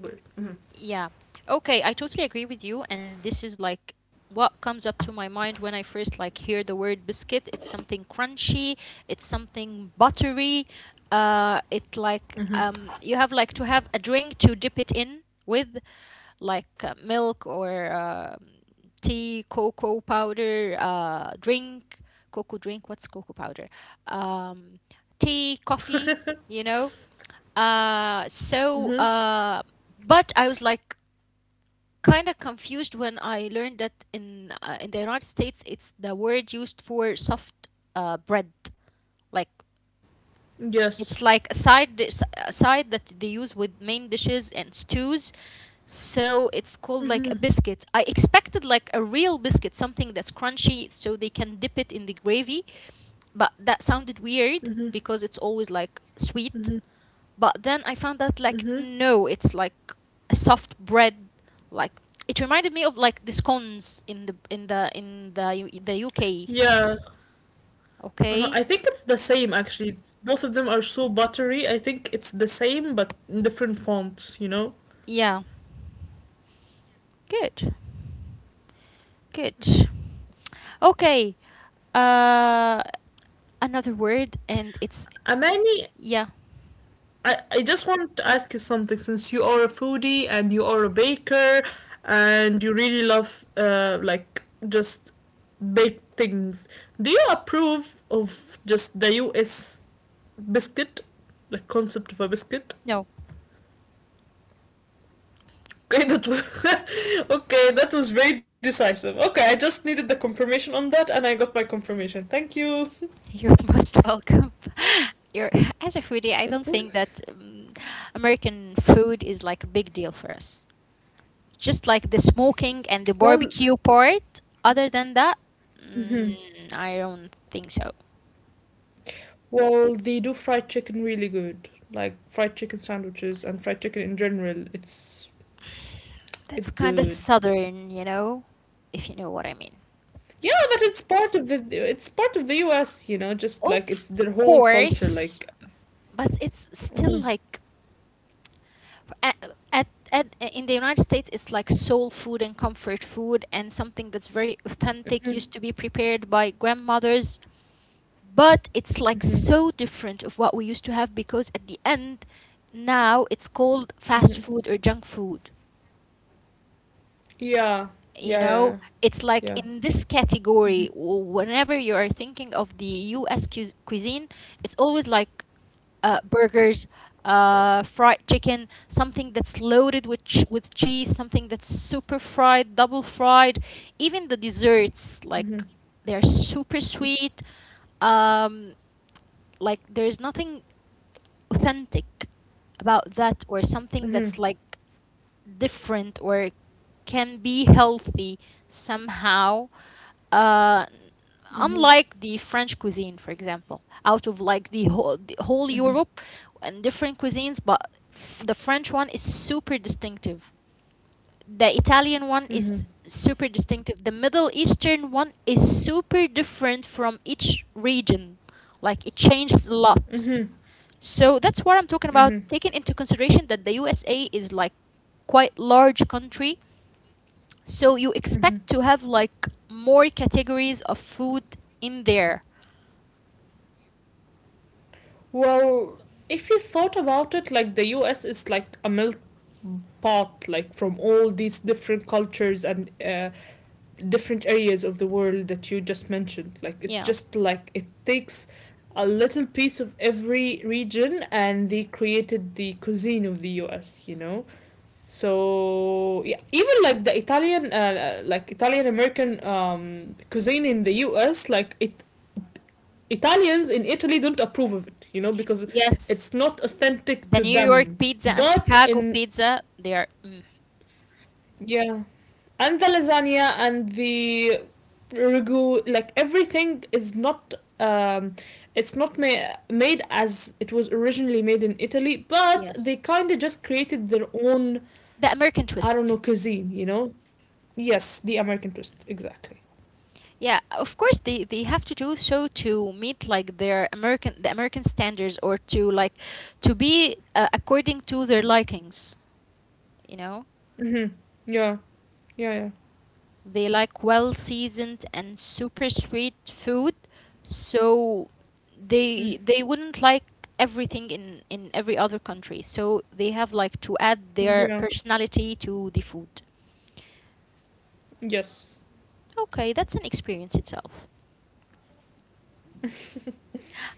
[SPEAKER 2] Word. Mm-hmm.
[SPEAKER 1] Yeah. Okay, I totally agree with you, and this is like what comes up to my mind when I first like hear the word biscuit. It's something crunchy, it's something buttery. It like you have like to have a drink to dip it in with like milk, or tea, cocoa powder, drink, cocoa drink, what's cocoa powder? Um tea, coffee, you know. Uh so uh but I was like kind of confused when I learned that in the United States it's the word used for soft bread. Like it's like
[SPEAKER 2] Yes.
[SPEAKER 1] a side dish, a side that they use with main dishes and stews. So it's called like a biscuit. I expected like a real biscuit, something that's crunchy, so they can dip it in the gravy. But that sounded weird because it's always like sweet, but then I found out like
[SPEAKER 2] Mm-hmm.
[SPEAKER 1] no, it's like a soft bread. Like it reminded me of like the scones in the U- the UK.
[SPEAKER 2] Yeah. Uh-huh.
[SPEAKER 1] Okay,
[SPEAKER 2] I think it's the same actually. Both of them are so buttery. I think it's the same but in different fonts, you know?
[SPEAKER 1] yeah, good, good. Okay, uh, another word, and it's
[SPEAKER 2] Amani,
[SPEAKER 1] yeah.
[SPEAKER 2] I just want to ask you something since you are a foodie and you are a baker and you really love like just baked things. Do you approve of just the US biscuit? Like concept of a biscuit?
[SPEAKER 1] No,
[SPEAKER 2] Okay, that was okay. That was very decisive. Okay, I just needed the confirmation on that, and I got my confirmation. Thank you.
[SPEAKER 1] you're most welcome. You're, as a foodie, I don't think that American food is like a big deal for us. Just like the smoking and the
[SPEAKER 2] Well,
[SPEAKER 1] barbecue part. Other than that,
[SPEAKER 2] mhm.
[SPEAKER 1] mm, I don't think so.
[SPEAKER 2] Well, they do fried chicken really good. Like fried chicken sandwiches and fried chicken in general. It's
[SPEAKER 1] That's
[SPEAKER 2] it's
[SPEAKER 1] kind of
[SPEAKER 2] good.
[SPEAKER 1] southern, you know, if you know what I mean.
[SPEAKER 2] Yeah, but it's part of the U.S. You know, just like
[SPEAKER 1] Of
[SPEAKER 2] it's their whole culture.
[SPEAKER 1] course,
[SPEAKER 2] Like,
[SPEAKER 1] but it's still
[SPEAKER 2] hmm,
[SPEAKER 1] like at, at in the United States, it's like soul food and comfort food and something that's very authentic, used to be prepared by grandmothers, but it's like
[SPEAKER 2] hmm,
[SPEAKER 1] so different of what we used to have, because at the end now it's called fast
[SPEAKER 2] hmm,
[SPEAKER 1] food or junk food,
[SPEAKER 2] yeah,
[SPEAKER 1] you
[SPEAKER 2] yeah,
[SPEAKER 1] know,
[SPEAKER 2] yeah,
[SPEAKER 1] it's like
[SPEAKER 2] yeah.
[SPEAKER 1] in this
[SPEAKER 2] Mm-hmm.
[SPEAKER 1] category, w- whenever you are thinking of the US cuis- cuisine, it's always like burgers, fried chicken, something that's loaded with ch- with cheese, something that's super fried, double fried, even the desserts
[SPEAKER 2] Mm-hmm.
[SPEAKER 1] like they're super sweet, um like there's nothing authentic about that, or something
[SPEAKER 2] Mm-hmm.
[SPEAKER 1] that's like different, or can be healthy somehow, uh
[SPEAKER 2] Mm-hmm.
[SPEAKER 1] unlike the French cuisine for example, out of like the whole
[SPEAKER 2] Mm-hmm.
[SPEAKER 1] Europe and different cuisines, but f- the French one is super distinctive, the Italian one
[SPEAKER 2] Mm-hmm.
[SPEAKER 1] is super distinctive, the Middle Eastern one is super different from each region, like it changes a lot.
[SPEAKER 2] Mm-hmm.
[SPEAKER 1] So that's what I'm talking about,
[SPEAKER 2] Mm-hmm.
[SPEAKER 1] taking into consideration that the USA is like quite large country, so you
[SPEAKER 2] Mhm.
[SPEAKER 1] expect to have like more categories of food in there.
[SPEAKER 2] Well, if you thought about it, like the US is like a milk pot, like from all these different cultures and different areas of the world that you just mentioned. Like it
[SPEAKER 1] Yeah.
[SPEAKER 2] just like it takes a little piece of every region, and they created the cuisine of the US, you know? So yeah, even like the Italian, like Italian American cuisine in the U.S., like it Italians in Italy don't approve of it, you know, because
[SPEAKER 1] Yes.
[SPEAKER 2] it's not authentic
[SPEAKER 1] The
[SPEAKER 2] to
[SPEAKER 1] New York
[SPEAKER 2] them.
[SPEAKER 1] pizza and
[SPEAKER 2] But
[SPEAKER 1] Chicago
[SPEAKER 2] in
[SPEAKER 1] pizza, they are mm,
[SPEAKER 2] Yeah, and the lasagna and the ragu, like everything is not um it's not made as it was originally made in Italy, but
[SPEAKER 1] yes.
[SPEAKER 2] they kind of just created their own
[SPEAKER 1] The American
[SPEAKER 2] I don't know
[SPEAKER 1] twists.
[SPEAKER 2] cuisine, you know. Yes, the American twist, exactly.
[SPEAKER 1] Yeah, of course they have to do so to meet like their American the American standards, or to like to be according to their likings, you know?
[SPEAKER 2] Mhm. Yeah. Yeah, yeah.
[SPEAKER 1] They like well seasoned and super sweet food, so
[SPEAKER 2] Mm.
[SPEAKER 1] they wouldn't like everything in every other country. So they have like to add their
[SPEAKER 2] Yeah.
[SPEAKER 1] personality to the food.
[SPEAKER 2] Yes.
[SPEAKER 1] Okay, that's an experience itself.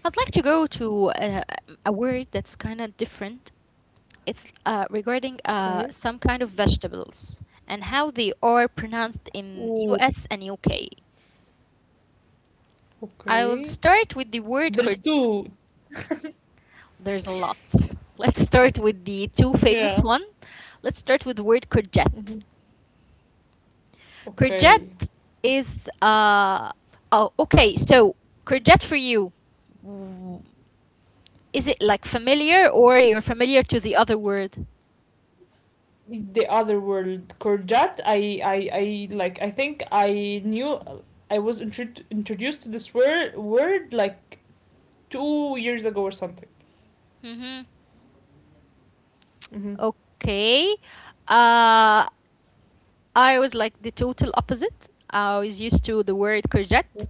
[SPEAKER 1] I'd like to go to a word that's kind of different. It's regarding
[SPEAKER 2] Okay.
[SPEAKER 1] some kind of vegetables and how they are pronounced in
[SPEAKER 2] Ooh,
[SPEAKER 1] US and UK. I will
[SPEAKER 2] okay.
[SPEAKER 1] start with the word cor-
[SPEAKER 2] There's two.
[SPEAKER 1] There's a lot. Let's start with the two famous
[SPEAKER 2] Yeah.
[SPEAKER 1] one. Let's start with the word courgette.
[SPEAKER 2] Mhm. Okay.
[SPEAKER 1] Courgette is oh okay. So courgette for you, w- is it like familiar, or you're familiar to the other word?
[SPEAKER 2] The other world, Korjat. I like. I think I knew. I was introduced to this word like 2 years ago or something.
[SPEAKER 1] Mm-hmm.
[SPEAKER 2] Mm-hmm.
[SPEAKER 1] Okay. Uh, I was like the total opposite. I was used to the word courgette.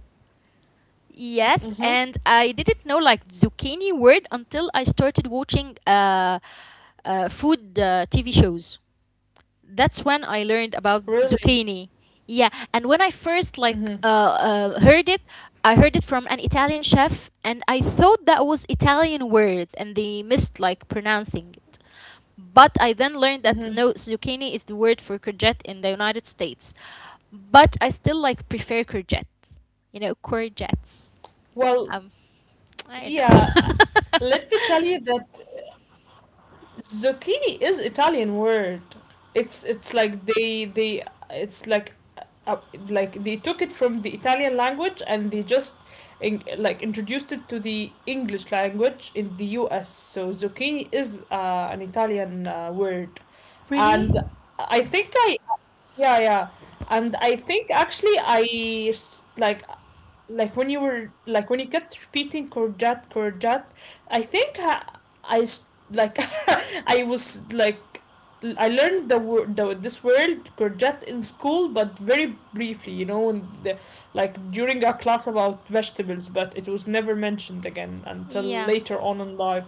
[SPEAKER 1] Yes,
[SPEAKER 2] Mm-hmm.
[SPEAKER 1] and I didn't know like zucchini word until I started watching food TV shows. That's when I learned about
[SPEAKER 2] Really.
[SPEAKER 1] zucchini. Yeah, and when I first like
[SPEAKER 2] Mm-hmm.
[SPEAKER 1] heard it, I heard it from an Italian chef, and I thought that was Italian word, and they missed like pronouncing it. But I then learned that
[SPEAKER 2] Mm-hmm.
[SPEAKER 1] no, zucchini is the word for courgette in the United States. But I still like prefer courgette. You know, courgettes.
[SPEAKER 2] Well,
[SPEAKER 1] Um, I don't
[SPEAKER 2] yeah.
[SPEAKER 1] know.
[SPEAKER 2] Let me tell you that zucchini is Italian word. It's like they it's uh, like they took it from the Italian language, and they just like introduced it to the English language in the U.S. So zucchini is an Italian word,
[SPEAKER 1] Really?
[SPEAKER 2] and I think I yeah, yeah, and I think actually I like when you were like when you kept repeating courgette courgette, I think I like I was like I learned the word this word courgette in school, but very briefly, you know, in the, like during our class about vegetables, but it was never mentioned again until
[SPEAKER 1] Yeah,
[SPEAKER 2] later on in life.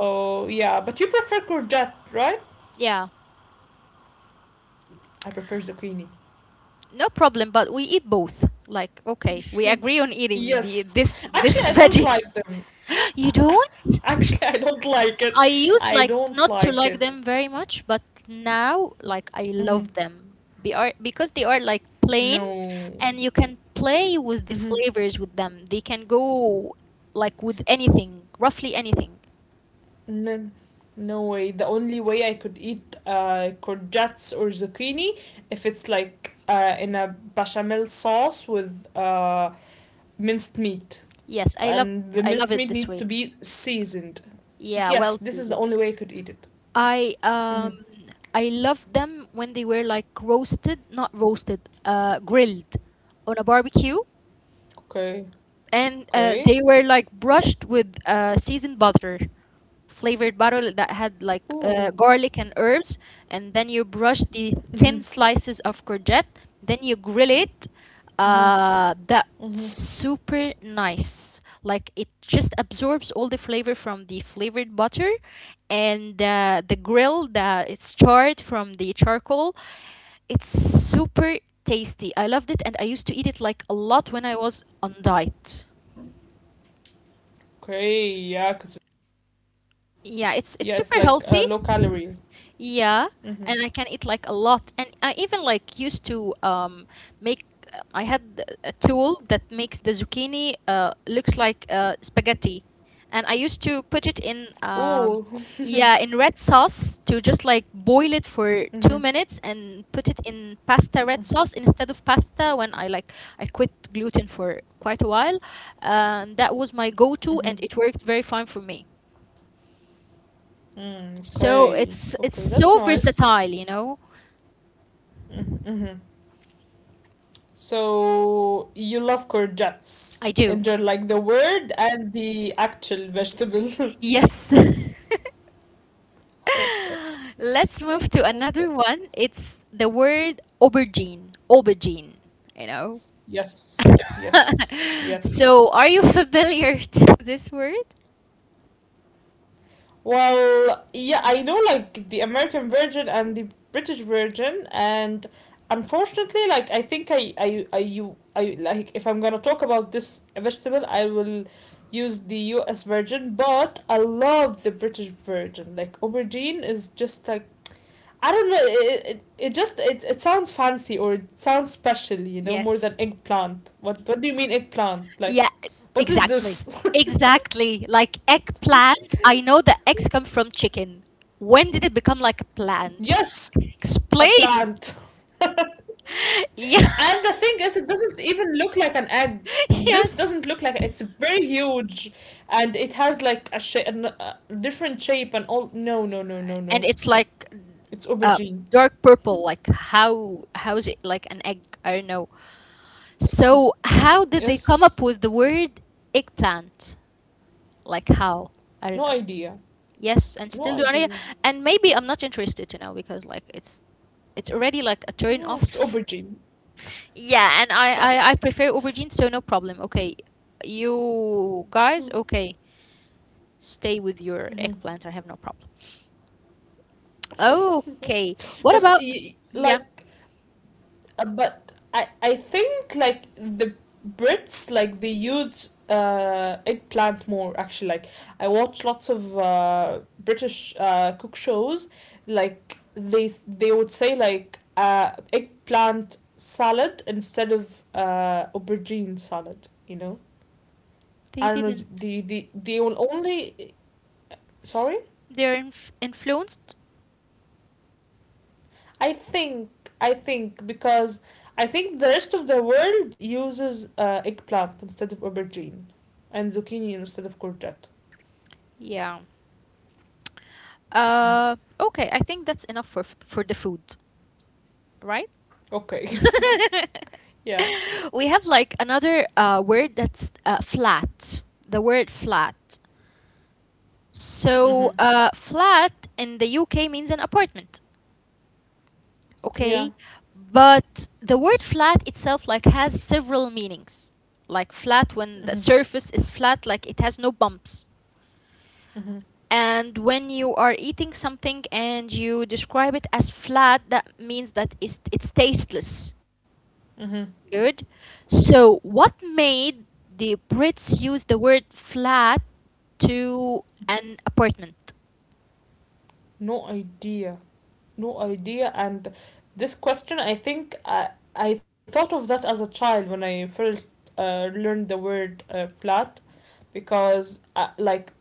[SPEAKER 2] Oh yeah, but you prefer courgette, right?
[SPEAKER 1] yeah.
[SPEAKER 2] I prefer zucchini.
[SPEAKER 1] No problem, but we eat both. Like, okay, we agree on eating the
[SPEAKER 2] Yes,
[SPEAKER 1] this
[SPEAKER 2] actually,
[SPEAKER 1] this
[SPEAKER 2] I don't
[SPEAKER 1] veggie.
[SPEAKER 2] like them.
[SPEAKER 1] You don't?
[SPEAKER 2] Actually, I don't like it.
[SPEAKER 1] I used
[SPEAKER 2] I
[SPEAKER 1] like
[SPEAKER 2] don't
[SPEAKER 1] not to
[SPEAKER 2] like
[SPEAKER 1] like
[SPEAKER 2] it.
[SPEAKER 1] them very much, but now like I
[SPEAKER 2] Hmm.
[SPEAKER 1] love them. Be are because they are like plain,
[SPEAKER 2] No.
[SPEAKER 1] and you can play with the
[SPEAKER 2] Mm-hmm.
[SPEAKER 1] flavors with them. They can go like with anything, roughly anything.
[SPEAKER 2] No, no way. The only way I could eat courgettes or zucchini if it's like in a bechamel sauce with minced meat,
[SPEAKER 1] Yes,
[SPEAKER 2] and the
[SPEAKER 1] I love
[SPEAKER 2] minced
[SPEAKER 1] it
[SPEAKER 2] meat
[SPEAKER 1] this
[SPEAKER 2] needs
[SPEAKER 1] way.
[SPEAKER 2] to be seasoned.
[SPEAKER 1] Yeah,
[SPEAKER 2] Yes,
[SPEAKER 1] well
[SPEAKER 2] this is the
[SPEAKER 1] seasoned.
[SPEAKER 2] only way I could eat it.
[SPEAKER 1] I
[SPEAKER 2] Mm-hmm.
[SPEAKER 1] um I loved them when they were like roasted, not roasted, grilled on a barbecue,
[SPEAKER 2] Okay.
[SPEAKER 1] and
[SPEAKER 2] Okay.
[SPEAKER 1] they were like brushed with seasoned butter flavored bottle that had like
[SPEAKER 2] Ooh.
[SPEAKER 1] garlic and herbs, and then you brush the thin slices of courgette, then you grill it.
[SPEAKER 2] Mm-hmm.
[SPEAKER 1] That
[SPEAKER 2] Mm-hmm.
[SPEAKER 1] super nice. Like it just absorbs all the flavor from the flavored butter, and the grill that it's charred from the charcoal. It's super tasty. I loved it, and I used to eat it like a lot when I was on diet.
[SPEAKER 2] Okay. Yeah. Cause
[SPEAKER 1] Yeah, it's
[SPEAKER 2] yeah, it's
[SPEAKER 1] super
[SPEAKER 2] like
[SPEAKER 1] healthy.
[SPEAKER 2] low calorie.
[SPEAKER 1] Yeah,
[SPEAKER 2] Mm-hmm.
[SPEAKER 1] and I can eat like a lot. And I even like used to make I had a tool that makes the zucchini looks like spaghetti. And I used to put it in
[SPEAKER 2] Ooh. Mm-hmm.
[SPEAKER 1] yeah, in red sauce to just like boil it for 2 minutes and put it in pasta red sauce instead of pasta when I like I quit gluten for quite a while. And that was my go-to, and
[SPEAKER 2] Mm-hmm.
[SPEAKER 1] it worked very fine for me.
[SPEAKER 2] Mm.
[SPEAKER 1] So
[SPEAKER 2] Okay.
[SPEAKER 1] it's
[SPEAKER 2] Okay. That's
[SPEAKER 1] so
[SPEAKER 2] nice.
[SPEAKER 1] versatile, you know?
[SPEAKER 2] Mm-hmm. So you love courgettes,
[SPEAKER 1] I do.
[SPEAKER 2] and they're like the word and the actual vegetable.
[SPEAKER 1] Yes.
[SPEAKER 2] Okay.
[SPEAKER 1] Let's move to
[SPEAKER 2] Okay.
[SPEAKER 1] another one. It's the word aubergine. Aubergine, you know?
[SPEAKER 2] Yes. Yes. Yes.
[SPEAKER 1] So are you familiar to this word?
[SPEAKER 2] Well, yeah, I know like the American version and the British version, and unfortunately, like I think I like if I'm gonna talk about this vegetable, I will use the U.S. version, but I love the British version. Like aubergine is just like I don't know. It just it sounds fancy, or it sounds special, you know, more
[SPEAKER 1] Yes.
[SPEAKER 2] than eggplant. What do you mean eggplant?
[SPEAKER 1] Yeah,
[SPEAKER 2] Like, what is
[SPEAKER 1] exactly.
[SPEAKER 2] this?
[SPEAKER 1] Exactly. Like eggplant. I know the eggs come from chicken. When did it become like a plant?
[SPEAKER 2] Yes, a
[SPEAKER 1] Explain.
[SPEAKER 2] plant. And
[SPEAKER 1] Yeah.
[SPEAKER 2] the thing is, it doesn't even look like an egg. This
[SPEAKER 1] Yes.
[SPEAKER 2] doesn't look like it's very huge, and it has like a different shape and all. No, no, no, no,
[SPEAKER 1] And
[SPEAKER 2] no.
[SPEAKER 1] it's like
[SPEAKER 2] It's
[SPEAKER 1] uh,
[SPEAKER 2] aubergine.
[SPEAKER 1] dark purple. Like how is it like an egg? I don't know. So how did they come up
[SPEAKER 2] Yes.
[SPEAKER 1] with the word eggplant? Like how? I don't
[SPEAKER 2] No
[SPEAKER 1] know.
[SPEAKER 2] idea.
[SPEAKER 1] Yes, and
[SPEAKER 2] No
[SPEAKER 1] still do I,
[SPEAKER 2] idea.
[SPEAKER 1] and maybe I'm not interested to know because like it's already like a turn
[SPEAKER 2] Yeah, it's
[SPEAKER 1] off.
[SPEAKER 2] aubergine.
[SPEAKER 1] Yeah, and I
[SPEAKER 2] Yeah.
[SPEAKER 1] I, I prefer aubergine, so no problem. Okay, you guys, okay, stay with your eggplant. I have no problem. Okay, what
[SPEAKER 2] But
[SPEAKER 1] about?
[SPEAKER 2] y- like
[SPEAKER 1] Yeah,
[SPEAKER 2] but I think like the Brits like they use eggplant more, actually. Like I watch lots of British cook shows, like they they would say like eggplant salad instead of aubergine salad, you know,
[SPEAKER 1] they
[SPEAKER 2] I don't know.
[SPEAKER 1] didn't.
[SPEAKER 2] They will only, sorry,
[SPEAKER 1] They're influenced?
[SPEAKER 2] I think because I think the rest of the world uses eggplant instead of aubergine and zucchini instead of courgette.
[SPEAKER 1] Yeah.
[SPEAKER 2] Mhm.
[SPEAKER 1] Okay, I think that's enough for for the food, right?
[SPEAKER 2] Okay. Yeah.
[SPEAKER 1] We have like another word that's flat. The word flat.
[SPEAKER 2] Mhm.
[SPEAKER 1] So, flat in the UK means an apartment,
[SPEAKER 2] Yeah.
[SPEAKER 1] okay? But the word flat itself like has several meanings. Like flat when
[SPEAKER 2] Mhm.
[SPEAKER 1] the surface is flat, like it has no bumps.
[SPEAKER 2] Mhm.
[SPEAKER 1] And when you are eating something and you describe it as flat, that means that it's tasteless.
[SPEAKER 2] Mhm.
[SPEAKER 1] Good. So, what made the Brits use the word flat to an apartment?
[SPEAKER 2] No idea. No idea. And this question, I think I thought of that as a child when I first learned the word flat because like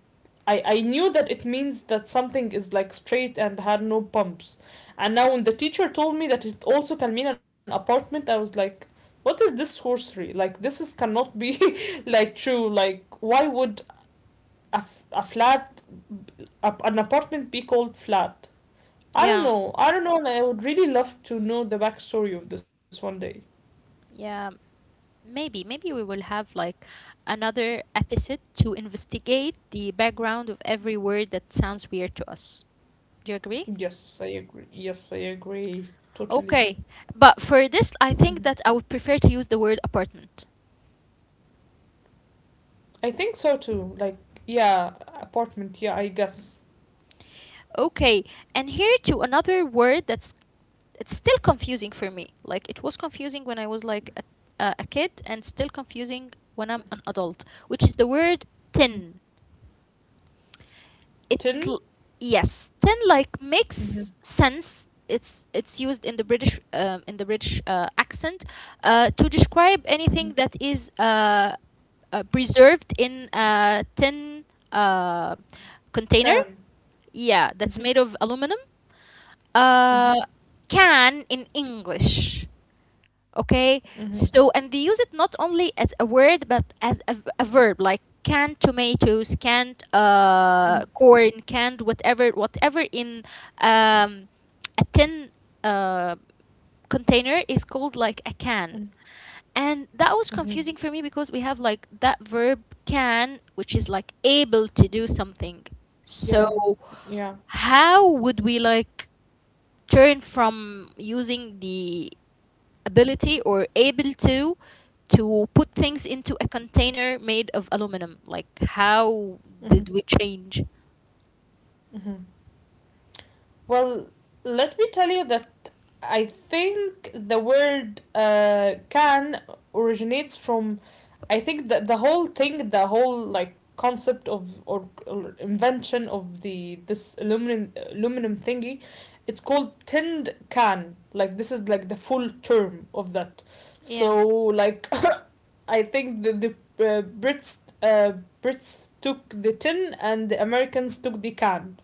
[SPEAKER 2] I knew that it means that something is like straight and had no bumps. And now when the teacher told me that it also can mean an apartment, I was like, what is this sorcery? Like this is cannot be like true. Like why would a flat, an apartment be called flat? I don't
[SPEAKER 1] Yeah,
[SPEAKER 2] know. I don't know. And I would really love to know the backstory of this one day.
[SPEAKER 1] yeah. Maybe we will have like another episode to investigate the background of every word that sounds weird to us. Do you agree?
[SPEAKER 2] Yes, I agree. Yes, I agree. Totally.
[SPEAKER 1] Okay, but for this, I
[SPEAKER 2] Mhm.
[SPEAKER 1] think that I would prefer to use the word apartment.
[SPEAKER 2] I think so too. Like, yeah, apartment. Yeah, I guess.
[SPEAKER 1] Okay, and here to another word that's it's still confusing for me. Like it was confusing when I was like a kid, and still confusing when I'm an adult, which is the word
[SPEAKER 2] Mhm.
[SPEAKER 1] tin. It
[SPEAKER 2] 10.
[SPEAKER 1] l- yes, tin like
[SPEAKER 2] Mhm.
[SPEAKER 1] makes sense. It's used in the British accent to describe
[SPEAKER 2] Mhm.
[SPEAKER 1] anything that is preserved in a tin uh, container.
[SPEAKER 2] Can.
[SPEAKER 1] Yeah, that's
[SPEAKER 2] Mhm.
[SPEAKER 1] made of aluminum uh,
[SPEAKER 2] Mhm.
[SPEAKER 1] can in English. Okay,
[SPEAKER 2] Mhm.
[SPEAKER 1] so and they use it not only as a word but as a verb, like canned tomatoes, canned corn, canned whatever, whatever in um, a tin uh, container is called like a can.
[SPEAKER 2] Mhm.
[SPEAKER 1] And that was
[SPEAKER 2] Mhm.
[SPEAKER 1] confusing for me because we have like that verb can, which is like able to do something.
[SPEAKER 2] Yeah.
[SPEAKER 1] So
[SPEAKER 2] Yeah.
[SPEAKER 1] how would we like turn from using the ability or able to put things into a container made of aluminum like how
[SPEAKER 2] Mhm.
[SPEAKER 1] did we change
[SPEAKER 2] Mhm. Well, let me tell you that I think the word can originates from, I think that the whole thing, the whole like concept of or invention of the this aluminum thingy, it's called tinned can. Like this is like the full term of that.
[SPEAKER 1] yeah
[SPEAKER 2] So like, I think the Brits Brits took the tin and the Americans took the can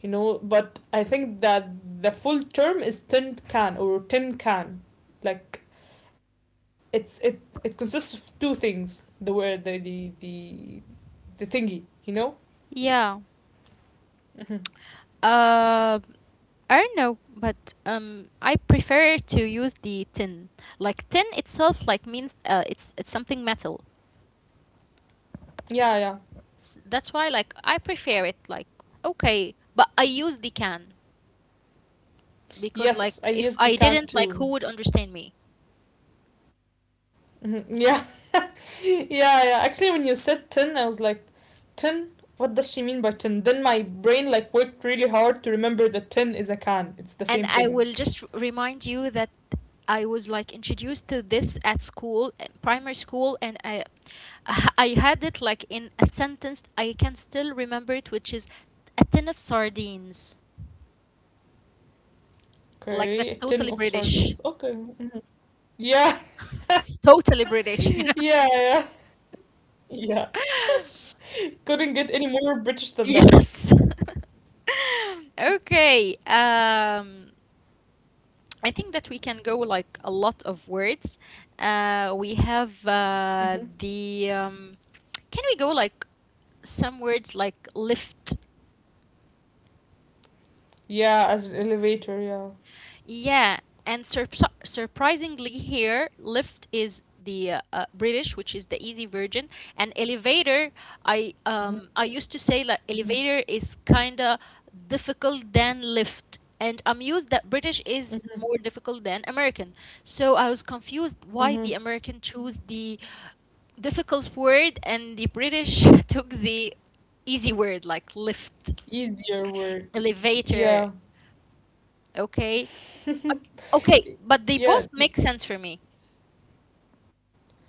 [SPEAKER 2] you know But I think that the full term is tin can or tin can, like it it consists of two things, the word the thingy you know
[SPEAKER 1] yeah
[SPEAKER 2] hmm.
[SPEAKER 1] uh I don't know, but I prefer to use the tin. Like tin itself like means it's something metal.
[SPEAKER 2] Yeah, yeah.
[SPEAKER 1] That's why like I prefer it. Like okay, but I use the can, because like if I
[SPEAKER 2] Yes, I
[SPEAKER 1] didn't,
[SPEAKER 2] used
[SPEAKER 1] like
[SPEAKER 2] the
[SPEAKER 1] who
[SPEAKER 2] can
[SPEAKER 1] would
[SPEAKER 2] too.
[SPEAKER 1] understand me?
[SPEAKER 2] Hmm, yeah. Yeah, yeah, actually when you said tin I was like, tin, what does she mean by tin? Then my brain like worked really hard to remember that tin is a can, it's the
[SPEAKER 1] And
[SPEAKER 2] same
[SPEAKER 1] I
[SPEAKER 2] thing.
[SPEAKER 1] will just remind you that I was like introduced to this at school, primary school, and I I had it like in a sentence I can still remember it, which is a tin of sardines. Like that's
[SPEAKER 2] Okay, a
[SPEAKER 1] totally
[SPEAKER 2] tin of
[SPEAKER 1] British.
[SPEAKER 2] sardines, okay. Mhm. Yeah.
[SPEAKER 1] It's totally British,
[SPEAKER 2] Yeah,
[SPEAKER 1] you know.
[SPEAKER 2] yeah, yeah. Couldn't get any more British than that.
[SPEAKER 1] Yes. okay. I think that we can go like a lot of words. We have
[SPEAKER 2] Hmm.
[SPEAKER 1] the. Can we go like some words like lift?
[SPEAKER 2] Yeah, as an elevator, yeah.
[SPEAKER 1] Yeah, and surprisingly, here lift is the British, which is the easy version, and elevator. I used to say like
[SPEAKER 2] Hmm.
[SPEAKER 1] elevator is kinda difficult than lift, and I'm used that British is
[SPEAKER 2] Hmm.
[SPEAKER 1] more difficult than American. So I was confused why
[SPEAKER 2] Hmm.
[SPEAKER 1] the American choose the difficult word and the British took the easy word like lift,
[SPEAKER 2] Easier word.
[SPEAKER 1] elevator.
[SPEAKER 2] Yeah.
[SPEAKER 1] Okay, okay, but they both
[SPEAKER 2] Yeah.
[SPEAKER 1] make sense for me.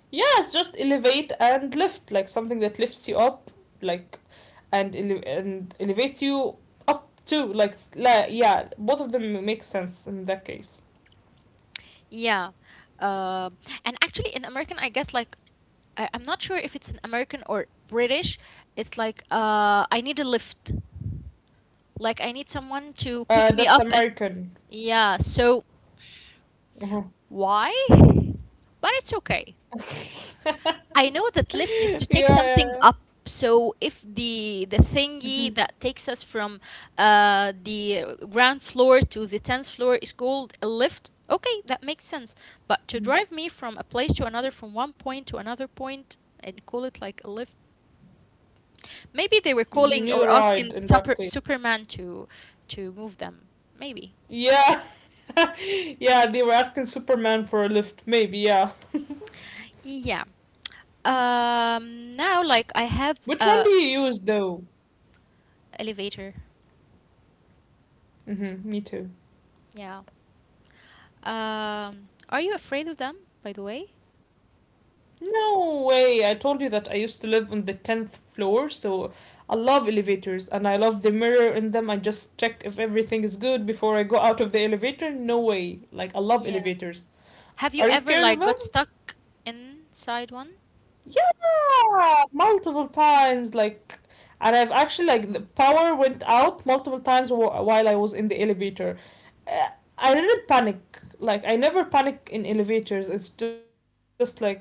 [SPEAKER 2] Yeah, it's just elevate and lift, like something that lifts you up, like, and elevates you up too. Like yeah, both of them make sense in that case.
[SPEAKER 1] Yeah. Uh, and actually, in American, I guess like I'm not sure if it's an American or British. It's like I need a lift. Like I need someone to pick me
[SPEAKER 2] That's
[SPEAKER 1] up. And
[SPEAKER 2] American.
[SPEAKER 1] yeah. So
[SPEAKER 2] Mhm.
[SPEAKER 1] why? But it's okay. I know that lift is
[SPEAKER 2] Yeah,
[SPEAKER 1] to
[SPEAKER 2] yeah,
[SPEAKER 1] take something
[SPEAKER 2] yeah.
[SPEAKER 1] up. So if the the thingy
[SPEAKER 2] Mm-hmm.
[SPEAKER 1] that takes us from the ground floor to the 10th floor is called a lift, okay, that makes sense. But to drive me from a place to another, from one point to another point, and call it like a lift, maybe they were
[SPEAKER 2] You
[SPEAKER 1] calling
[SPEAKER 2] need a
[SPEAKER 1] or
[SPEAKER 2] ride
[SPEAKER 1] asking
[SPEAKER 2] in that
[SPEAKER 1] super,
[SPEAKER 2] case.
[SPEAKER 1] Superman to move them. Maybe,
[SPEAKER 2] Yeah, yeah, they were asking Superman for a lift. Maybe, yeah.
[SPEAKER 1] yeah. Now, like I have
[SPEAKER 2] Which one do
[SPEAKER 1] a
[SPEAKER 2] you use, though?
[SPEAKER 1] elevator.
[SPEAKER 2] Mm-hmm, me too.
[SPEAKER 1] Yeah. Are you afraid of them, by the way?
[SPEAKER 2] No way. I told you that I used to live on the 10th floor, so I love elevators and I love the mirror in them. I just check if everything is good before I go out of the elevator. No way. Like, I love
[SPEAKER 1] Yeah.
[SPEAKER 2] elevators.
[SPEAKER 1] Have you
[SPEAKER 2] Are you
[SPEAKER 1] ever
[SPEAKER 2] scared of
[SPEAKER 1] like
[SPEAKER 2] them?
[SPEAKER 1] got stuck inside one?
[SPEAKER 2] Yeah, multiple times, like, and I've actually like the power went out multiple times while I was in the elevator. Uh, I didn't panic. Like, I never panic in elevators. It's just like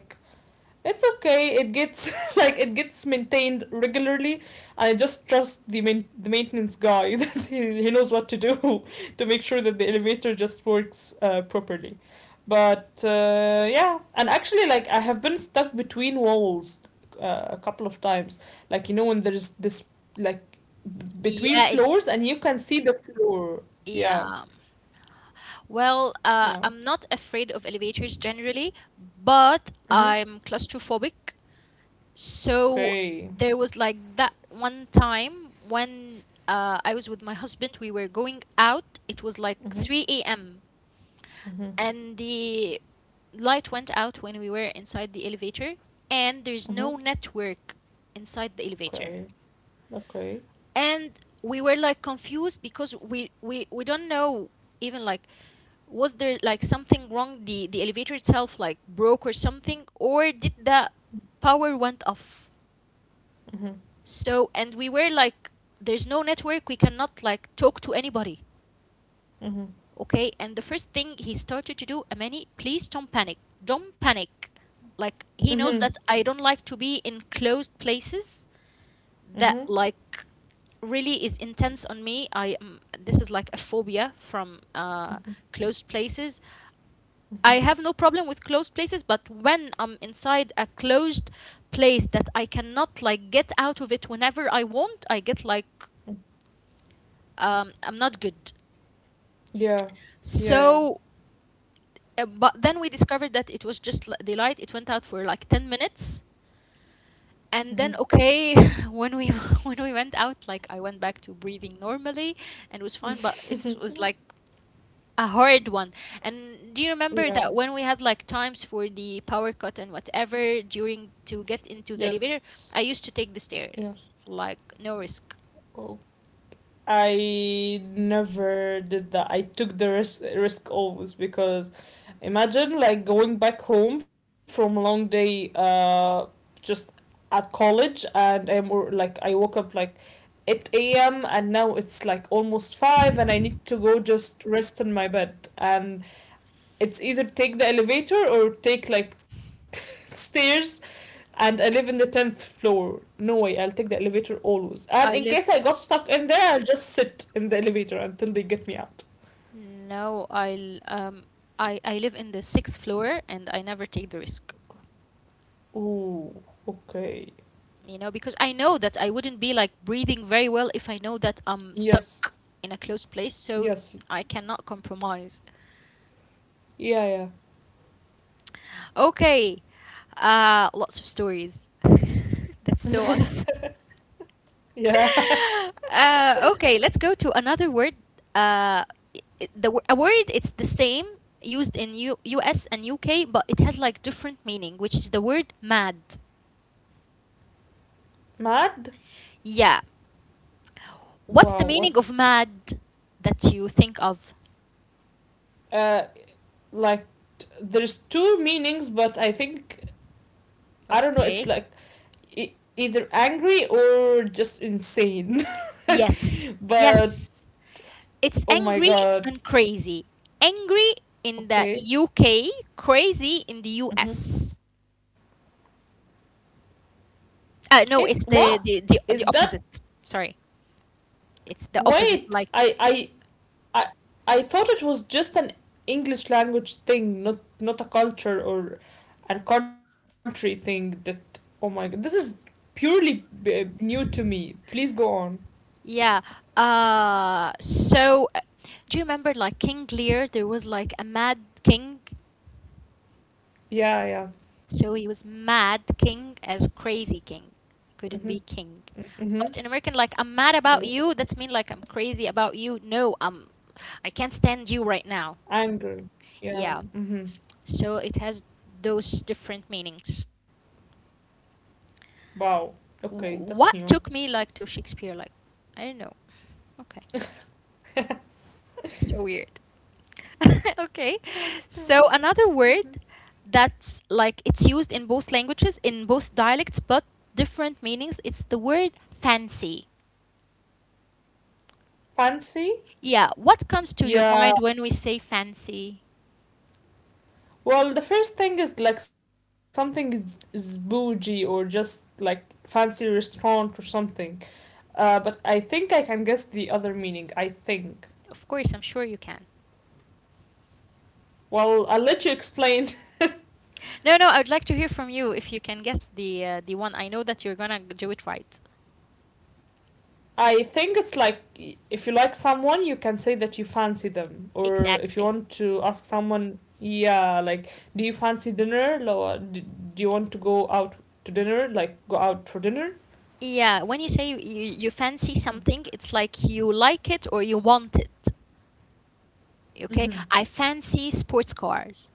[SPEAKER 2] it's okay. It gets like it gets maintained regularly, and I just trust the maintenance guy that he knows what to do to make sure that the elevator just works properly. But yeah, and actually, like I have been stuck between walls a couple of times. Like you know when there's this like
[SPEAKER 1] Yeah,
[SPEAKER 2] between
[SPEAKER 1] it,
[SPEAKER 2] floors and you can see the floor.
[SPEAKER 1] yeah.
[SPEAKER 2] Yeah,
[SPEAKER 1] Well, I'm
[SPEAKER 2] yeah.
[SPEAKER 1] not afraid of elevators generally, but I'm
[SPEAKER 2] Mhm.
[SPEAKER 1] claustrophobic. So there was
[SPEAKER 2] Okay.
[SPEAKER 1] like that one time when I was with my husband, we were going out. It was like 3 a.m.
[SPEAKER 2] Mhm.
[SPEAKER 1] and
[SPEAKER 2] Mhm.
[SPEAKER 1] the light went out when we were inside the elevator, and there's no
[SPEAKER 2] Mhm.
[SPEAKER 1] network inside the elevator,
[SPEAKER 2] Okay. Okay.
[SPEAKER 1] and we were like confused because we don't know even like was there like something wrong, the elevator itself like broke or something, or did the power went off?
[SPEAKER 2] Mhm.
[SPEAKER 1] So and we were like there's no network, we cannot like talk to anybody. Okay,
[SPEAKER 2] Mhm.
[SPEAKER 1] and the first thing he started to do, Amani, please don't panic, don't panic. Like he knows that I
[SPEAKER 2] Mhm.
[SPEAKER 1] don't like to be in closed places. That
[SPEAKER 2] Mhm.
[SPEAKER 1] like really is intense on me. I this is like a phobia from
[SPEAKER 2] Mhm.
[SPEAKER 1] closed places. I have no
[SPEAKER 2] Mhm.
[SPEAKER 1] problem with closed places, but when I'm inside a closed place that I cannot like get out of it whenever I want, I get like I'm not good.
[SPEAKER 2] Yeah. Yeah.
[SPEAKER 1] So
[SPEAKER 2] Yeah.
[SPEAKER 1] But then we discovered that it was just the light. It went out for like 10 minutes, and then
[SPEAKER 2] Mhm.
[SPEAKER 1] okay, when we when we went out, like I went back to breathing normally and was fine. But it was like a hard one. And do you remember that
[SPEAKER 2] Yeah.
[SPEAKER 1] when we had like times for the power cut and whatever during to get into the elevator,
[SPEAKER 2] Yes.
[SPEAKER 1] I used to take the stairs,
[SPEAKER 2] Yes.
[SPEAKER 1] like no risk.
[SPEAKER 2] Oh. I never did that. I took the risk always because imagine like going back home from a long day just at college, and I'm or like I woke up like 8 a.m. and now it's like almost 5 and I need to go just rest in my bed, and it's either take the elevator or take like stairs, and I live in the 10th floor. No way, I'll take the elevator always. And in
[SPEAKER 1] I
[SPEAKER 2] case
[SPEAKER 1] live
[SPEAKER 2] I got stuck in there, I'll just sit in the elevator until they get me out.
[SPEAKER 1] no, I live in the 6th floor, and I never take the risk.
[SPEAKER 2] Ooh, okay.
[SPEAKER 1] You know, because I know that I wouldn't be like breathing very well if I know that I'm stuck
[SPEAKER 2] Yes,
[SPEAKER 1] in a closed place, so
[SPEAKER 2] yes,
[SPEAKER 1] I cannot compromise.
[SPEAKER 2] yeah, yeah,
[SPEAKER 1] Okay, lots of stories. That's so us.
[SPEAKER 2] yeah.
[SPEAKER 1] Okay, let's go to another word. Uh, i- a word it's the same used in US and UK, but it has like different meaning, which is the word mad.
[SPEAKER 2] Mad?
[SPEAKER 1] Yeah. What's the
[SPEAKER 2] Wow, what?
[SPEAKER 1] meaning of mad that you think of?
[SPEAKER 2] Uh, like, there's two meanings, but I think, I don't know, it's
[SPEAKER 1] Okay.
[SPEAKER 2] like either angry or just insane.
[SPEAKER 1] Yes,
[SPEAKER 2] But,
[SPEAKER 1] yes. It's
[SPEAKER 2] oh my
[SPEAKER 1] angry
[SPEAKER 2] god,
[SPEAKER 1] and crazy. Angry in the
[SPEAKER 2] okay.
[SPEAKER 1] UK, crazy in the
[SPEAKER 2] Hmm.
[SPEAKER 1] US.
[SPEAKER 2] It,
[SPEAKER 1] No,
[SPEAKER 2] what?
[SPEAKER 1] it's the, the,
[SPEAKER 2] Is
[SPEAKER 1] the,
[SPEAKER 2] that.
[SPEAKER 1] the opposite. Sorry. It's the opposite.
[SPEAKER 2] Wait,
[SPEAKER 1] Like,
[SPEAKER 2] I I thought it was just an English language thing, not not a culture or a country thing. That oh my god, this is purely new to me. Please go on.
[SPEAKER 1] yeah. Uh, so, uh, do you remember like King Lear? There was like a mad king.
[SPEAKER 2] Yeah, yeah.
[SPEAKER 1] So he was mad king as crazy king.
[SPEAKER 2] Mhm.
[SPEAKER 1] Couldn't be king.
[SPEAKER 2] Mhm.
[SPEAKER 1] But in American, like I'm mad about
[SPEAKER 2] Okay.
[SPEAKER 1] you, that's mean like I'm crazy about you. No, I'm I can't stand you right now.
[SPEAKER 2] Angry. Yeah.
[SPEAKER 1] Yeah.
[SPEAKER 2] Mhm.
[SPEAKER 1] So it has those different meanings.
[SPEAKER 2] Wow. Okay, that's new.
[SPEAKER 1] What took me like to Shakespeare? Like I don't know. Okay. It's so weird. Okay.
[SPEAKER 2] That's
[SPEAKER 1] So another word that's like it's used in both languages, in both dialects, but different meanings. It's the word fancy.
[SPEAKER 2] fancy.
[SPEAKER 1] Yeah, what comes to your
[SPEAKER 2] Yeah.
[SPEAKER 1] mind when we say fancy?
[SPEAKER 2] Well, the first thing is like is bougie or just like fancy restaurant or something. But I think I can guess the other meaning. I think.
[SPEAKER 1] Of course, I'm sure you can.
[SPEAKER 2] Well, I'll let you explain.
[SPEAKER 1] No, no, I would like to hear from you if you can guess the one. I know that you're gonna do it right.
[SPEAKER 2] I think it's like if you like someone, you can say that you fancy them, or if you
[SPEAKER 1] Exactly.
[SPEAKER 2] want to ask someone, yeah, like, do you fancy dinner? Or do you want to go out to dinner? Like, go out for dinner?
[SPEAKER 1] Yeah, when you say you fancy something, it's like you like it or you want it. Okay?
[SPEAKER 2] Mhm.
[SPEAKER 1] I fancy sports cars,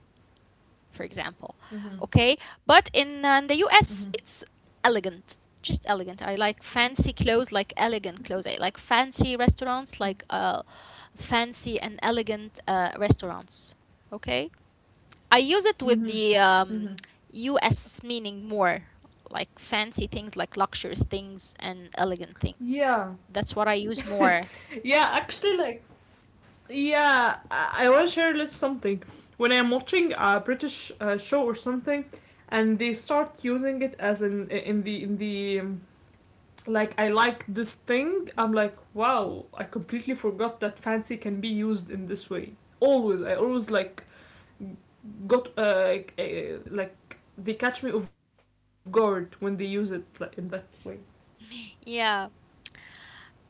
[SPEAKER 1] for example.
[SPEAKER 2] Mhm.
[SPEAKER 1] Okay, but
[SPEAKER 2] Mhm.
[SPEAKER 1] in the US, it's elegant, just elegant. I like fancy clothes, like elegant clothes. I like fancy restaurants, like fancy and elegant restaurants. Okay, I use it with
[SPEAKER 2] Mhm.
[SPEAKER 1] the
[SPEAKER 2] Mhm.
[SPEAKER 1] US meaning more, like fancy things, like luxurious things and elegant
[SPEAKER 2] Yeah.
[SPEAKER 1] things. That's what I use more.
[SPEAKER 2] Yeah, actually like yeah, I want to share a little something. When I'm watching a British show or something, and they start using it as in in the like I like this thing, I'm like, wow, I completely forgot that fancy can be used in this way. Always, I always like got they catch me off guard when they use it like in that way.
[SPEAKER 1] Yeah.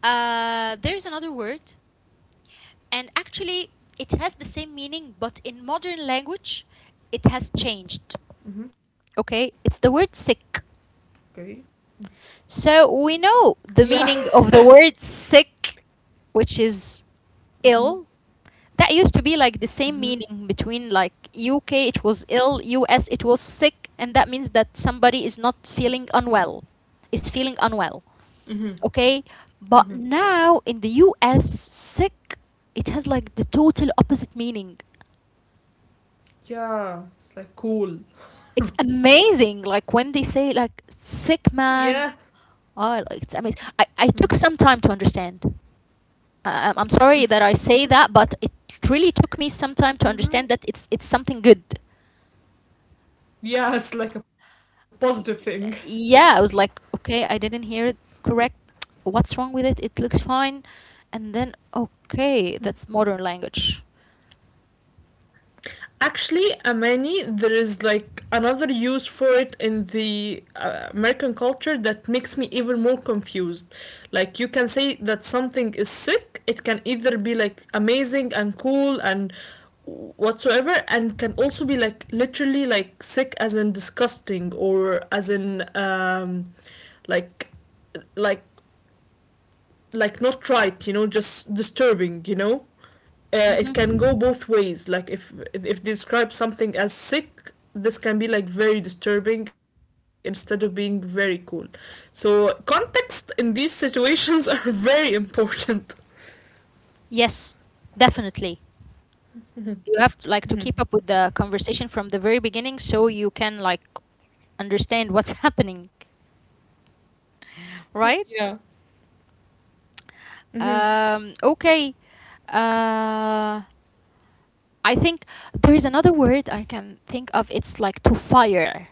[SPEAKER 1] There's another word. And actually, it has the same meaning, but in modern language, it has changed.
[SPEAKER 2] Mm-hmm.
[SPEAKER 1] Okay? It's the word sick.
[SPEAKER 2] Okay.
[SPEAKER 1] So we know
[SPEAKER 2] Yeah.
[SPEAKER 1] the meaning of the word sick, which is
[SPEAKER 2] Mm-hmm.
[SPEAKER 1] ill. That used to be like the same
[SPEAKER 2] Mm-hmm.
[SPEAKER 1] meaning between like UK, it was ill, US, it was sick. And that means that somebody is not feeling unwell, is feeling unwell.
[SPEAKER 2] Mm-hmm.
[SPEAKER 1] Okay? But
[SPEAKER 2] Mm-hmm.
[SPEAKER 1] now in the US, sick, it has like the total opposite meaning.
[SPEAKER 2] Yeah, it's like cool.
[SPEAKER 1] It's amazing. Like when they say like sick
[SPEAKER 2] Yeah.
[SPEAKER 1] man, oh, like, it's amazing. I took some time to understand. I'm sorry that I say that, but it really took me some time to understand
[SPEAKER 2] Mm-hmm.
[SPEAKER 1] that it's something good.
[SPEAKER 2] Yeah, it's like a positive thing.
[SPEAKER 1] Y- yeah, I was like okay, I didn't hear it correct. What's wrong with it? It looks fine. And then okay, that's modern language.
[SPEAKER 2] Actually, amani, there is like another use for it in the American culture that makes me even more confused. Like, you can say that something is sick, it can either be like amazing and cool and whatsoever, and can also be like literally like sick as in disgusting or as in like, like, like not right, you know, just disturbing, you know? Uh,
[SPEAKER 1] Hmm.
[SPEAKER 2] it can go both ways. Like if they describe something as sick, this can be like very disturbing instead of being very cool. So context in these situations are very important.
[SPEAKER 1] Yes, definitely. You have to like to keep up with the conversation from the very beginning so you can like understand what's happening,
[SPEAKER 2] Yeah.
[SPEAKER 1] right?
[SPEAKER 2] Mm-hmm.
[SPEAKER 1] Okay. Uh, I think there is another word I can think of. It's like to fire.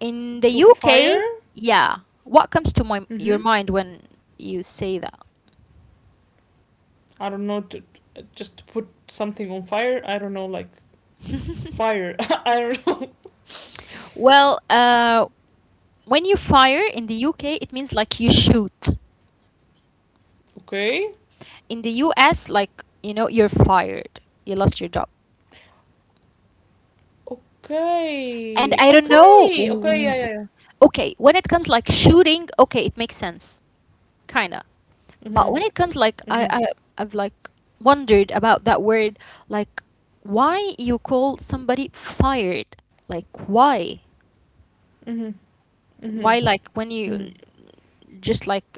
[SPEAKER 1] In
[SPEAKER 2] To
[SPEAKER 1] the
[SPEAKER 2] fire.
[SPEAKER 1] UK, yeah. What comes to my
[SPEAKER 2] Mm-hmm.
[SPEAKER 1] your mind when you say that?
[SPEAKER 2] I don't know. To, just to put something on fire. I don't know. Like fire. I don't know.
[SPEAKER 1] Well, when you fire in the UK, it means like you shoot.
[SPEAKER 2] Okay.
[SPEAKER 1] In the US, like, you know, you're fired. You lost your job. And I
[SPEAKER 2] Okay.
[SPEAKER 1] don't know.
[SPEAKER 2] Okay. Okay. Yeah. Yeah.
[SPEAKER 1] Okay, when it comes like shooting, okay, it makes sense. Kinda.
[SPEAKER 2] Yeah.
[SPEAKER 1] But
[SPEAKER 2] Mm-hmm.
[SPEAKER 1] when it comes like I,
[SPEAKER 2] Mm-hmm.
[SPEAKER 1] I I've like wondered about that word, like why you call somebody fired? Like why?
[SPEAKER 2] Mm-hmm. Mm-hmm.
[SPEAKER 1] Why like
[SPEAKER 2] Mm-hmm.
[SPEAKER 1] when you just like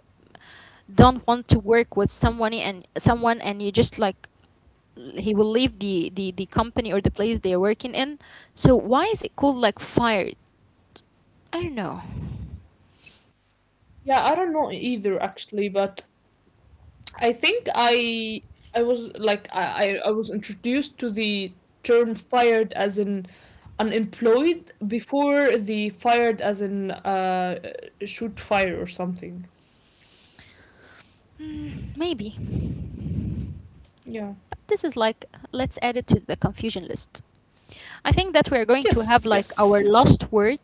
[SPEAKER 1] don't want to work with someone and someone, and you just like he will leave the company or the place they're working in. So why is it called like fired? I don't know.
[SPEAKER 2] Yeah. I don't know either actually, but I think I was like I was introduced to the term fired as in unemployed before the fired as in shoot fire or something.
[SPEAKER 1] Hmm, maybe.
[SPEAKER 2] Yeah.
[SPEAKER 1] But this is like let's add it to the confusion list. I think that we're going to have
[SPEAKER 2] Yes,
[SPEAKER 1] like
[SPEAKER 2] yes.
[SPEAKER 1] our last word,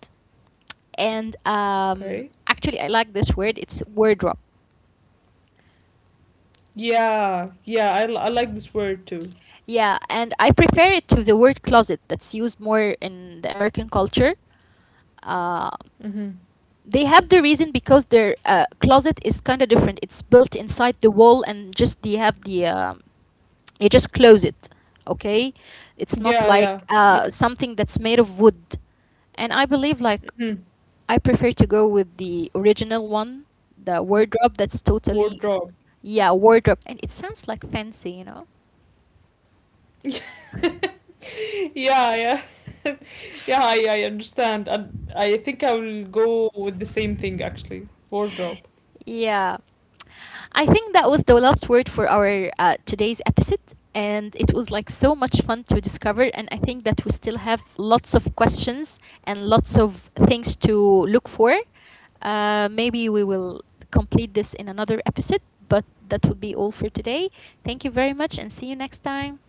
[SPEAKER 1] and
[SPEAKER 2] Okay.
[SPEAKER 1] actually, I like this word. It's wardrobe.
[SPEAKER 2] Yeah. Yeah, I like this word too.
[SPEAKER 1] Yeah, and I prefer it to the word closet that's used more in the American culture. Uh,
[SPEAKER 2] Mm-hmm.
[SPEAKER 1] they have the reason because their closet is kind of different. It's built inside the wall, and just they have the you just close it. Okay, it's not
[SPEAKER 2] Yeah,
[SPEAKER 1] like
[SPEAKER 2] yeah. Yeah.
[SPEAKER 1] something that's made of wood. And I believe like
[SPEAKER 2] Mm-hmm.
[SPEAKER 1] I prefer to go with the original one, the
[SPEAKER 2] W-
[SPEAKER 1] wardrobe that's totally,
[SPEAKER 2] Wardrobe.
[SPEAKER 1] yeah, wardrobe. And it sounds like fancy, you know?
[SPEAKER 2] Yeah, yeah. Yeah, I understand. And I think I will go with the same thing actually. Wardrobe.
[SPEAKER 1] Yeah. I think that was the last word for our today's episode. And it was like so much fun to discover. And I think that we still have lots of questions and lots of things to look for. Maybe we will complete this in another episode, but that would be all for today. Thank you very much, and see you next time.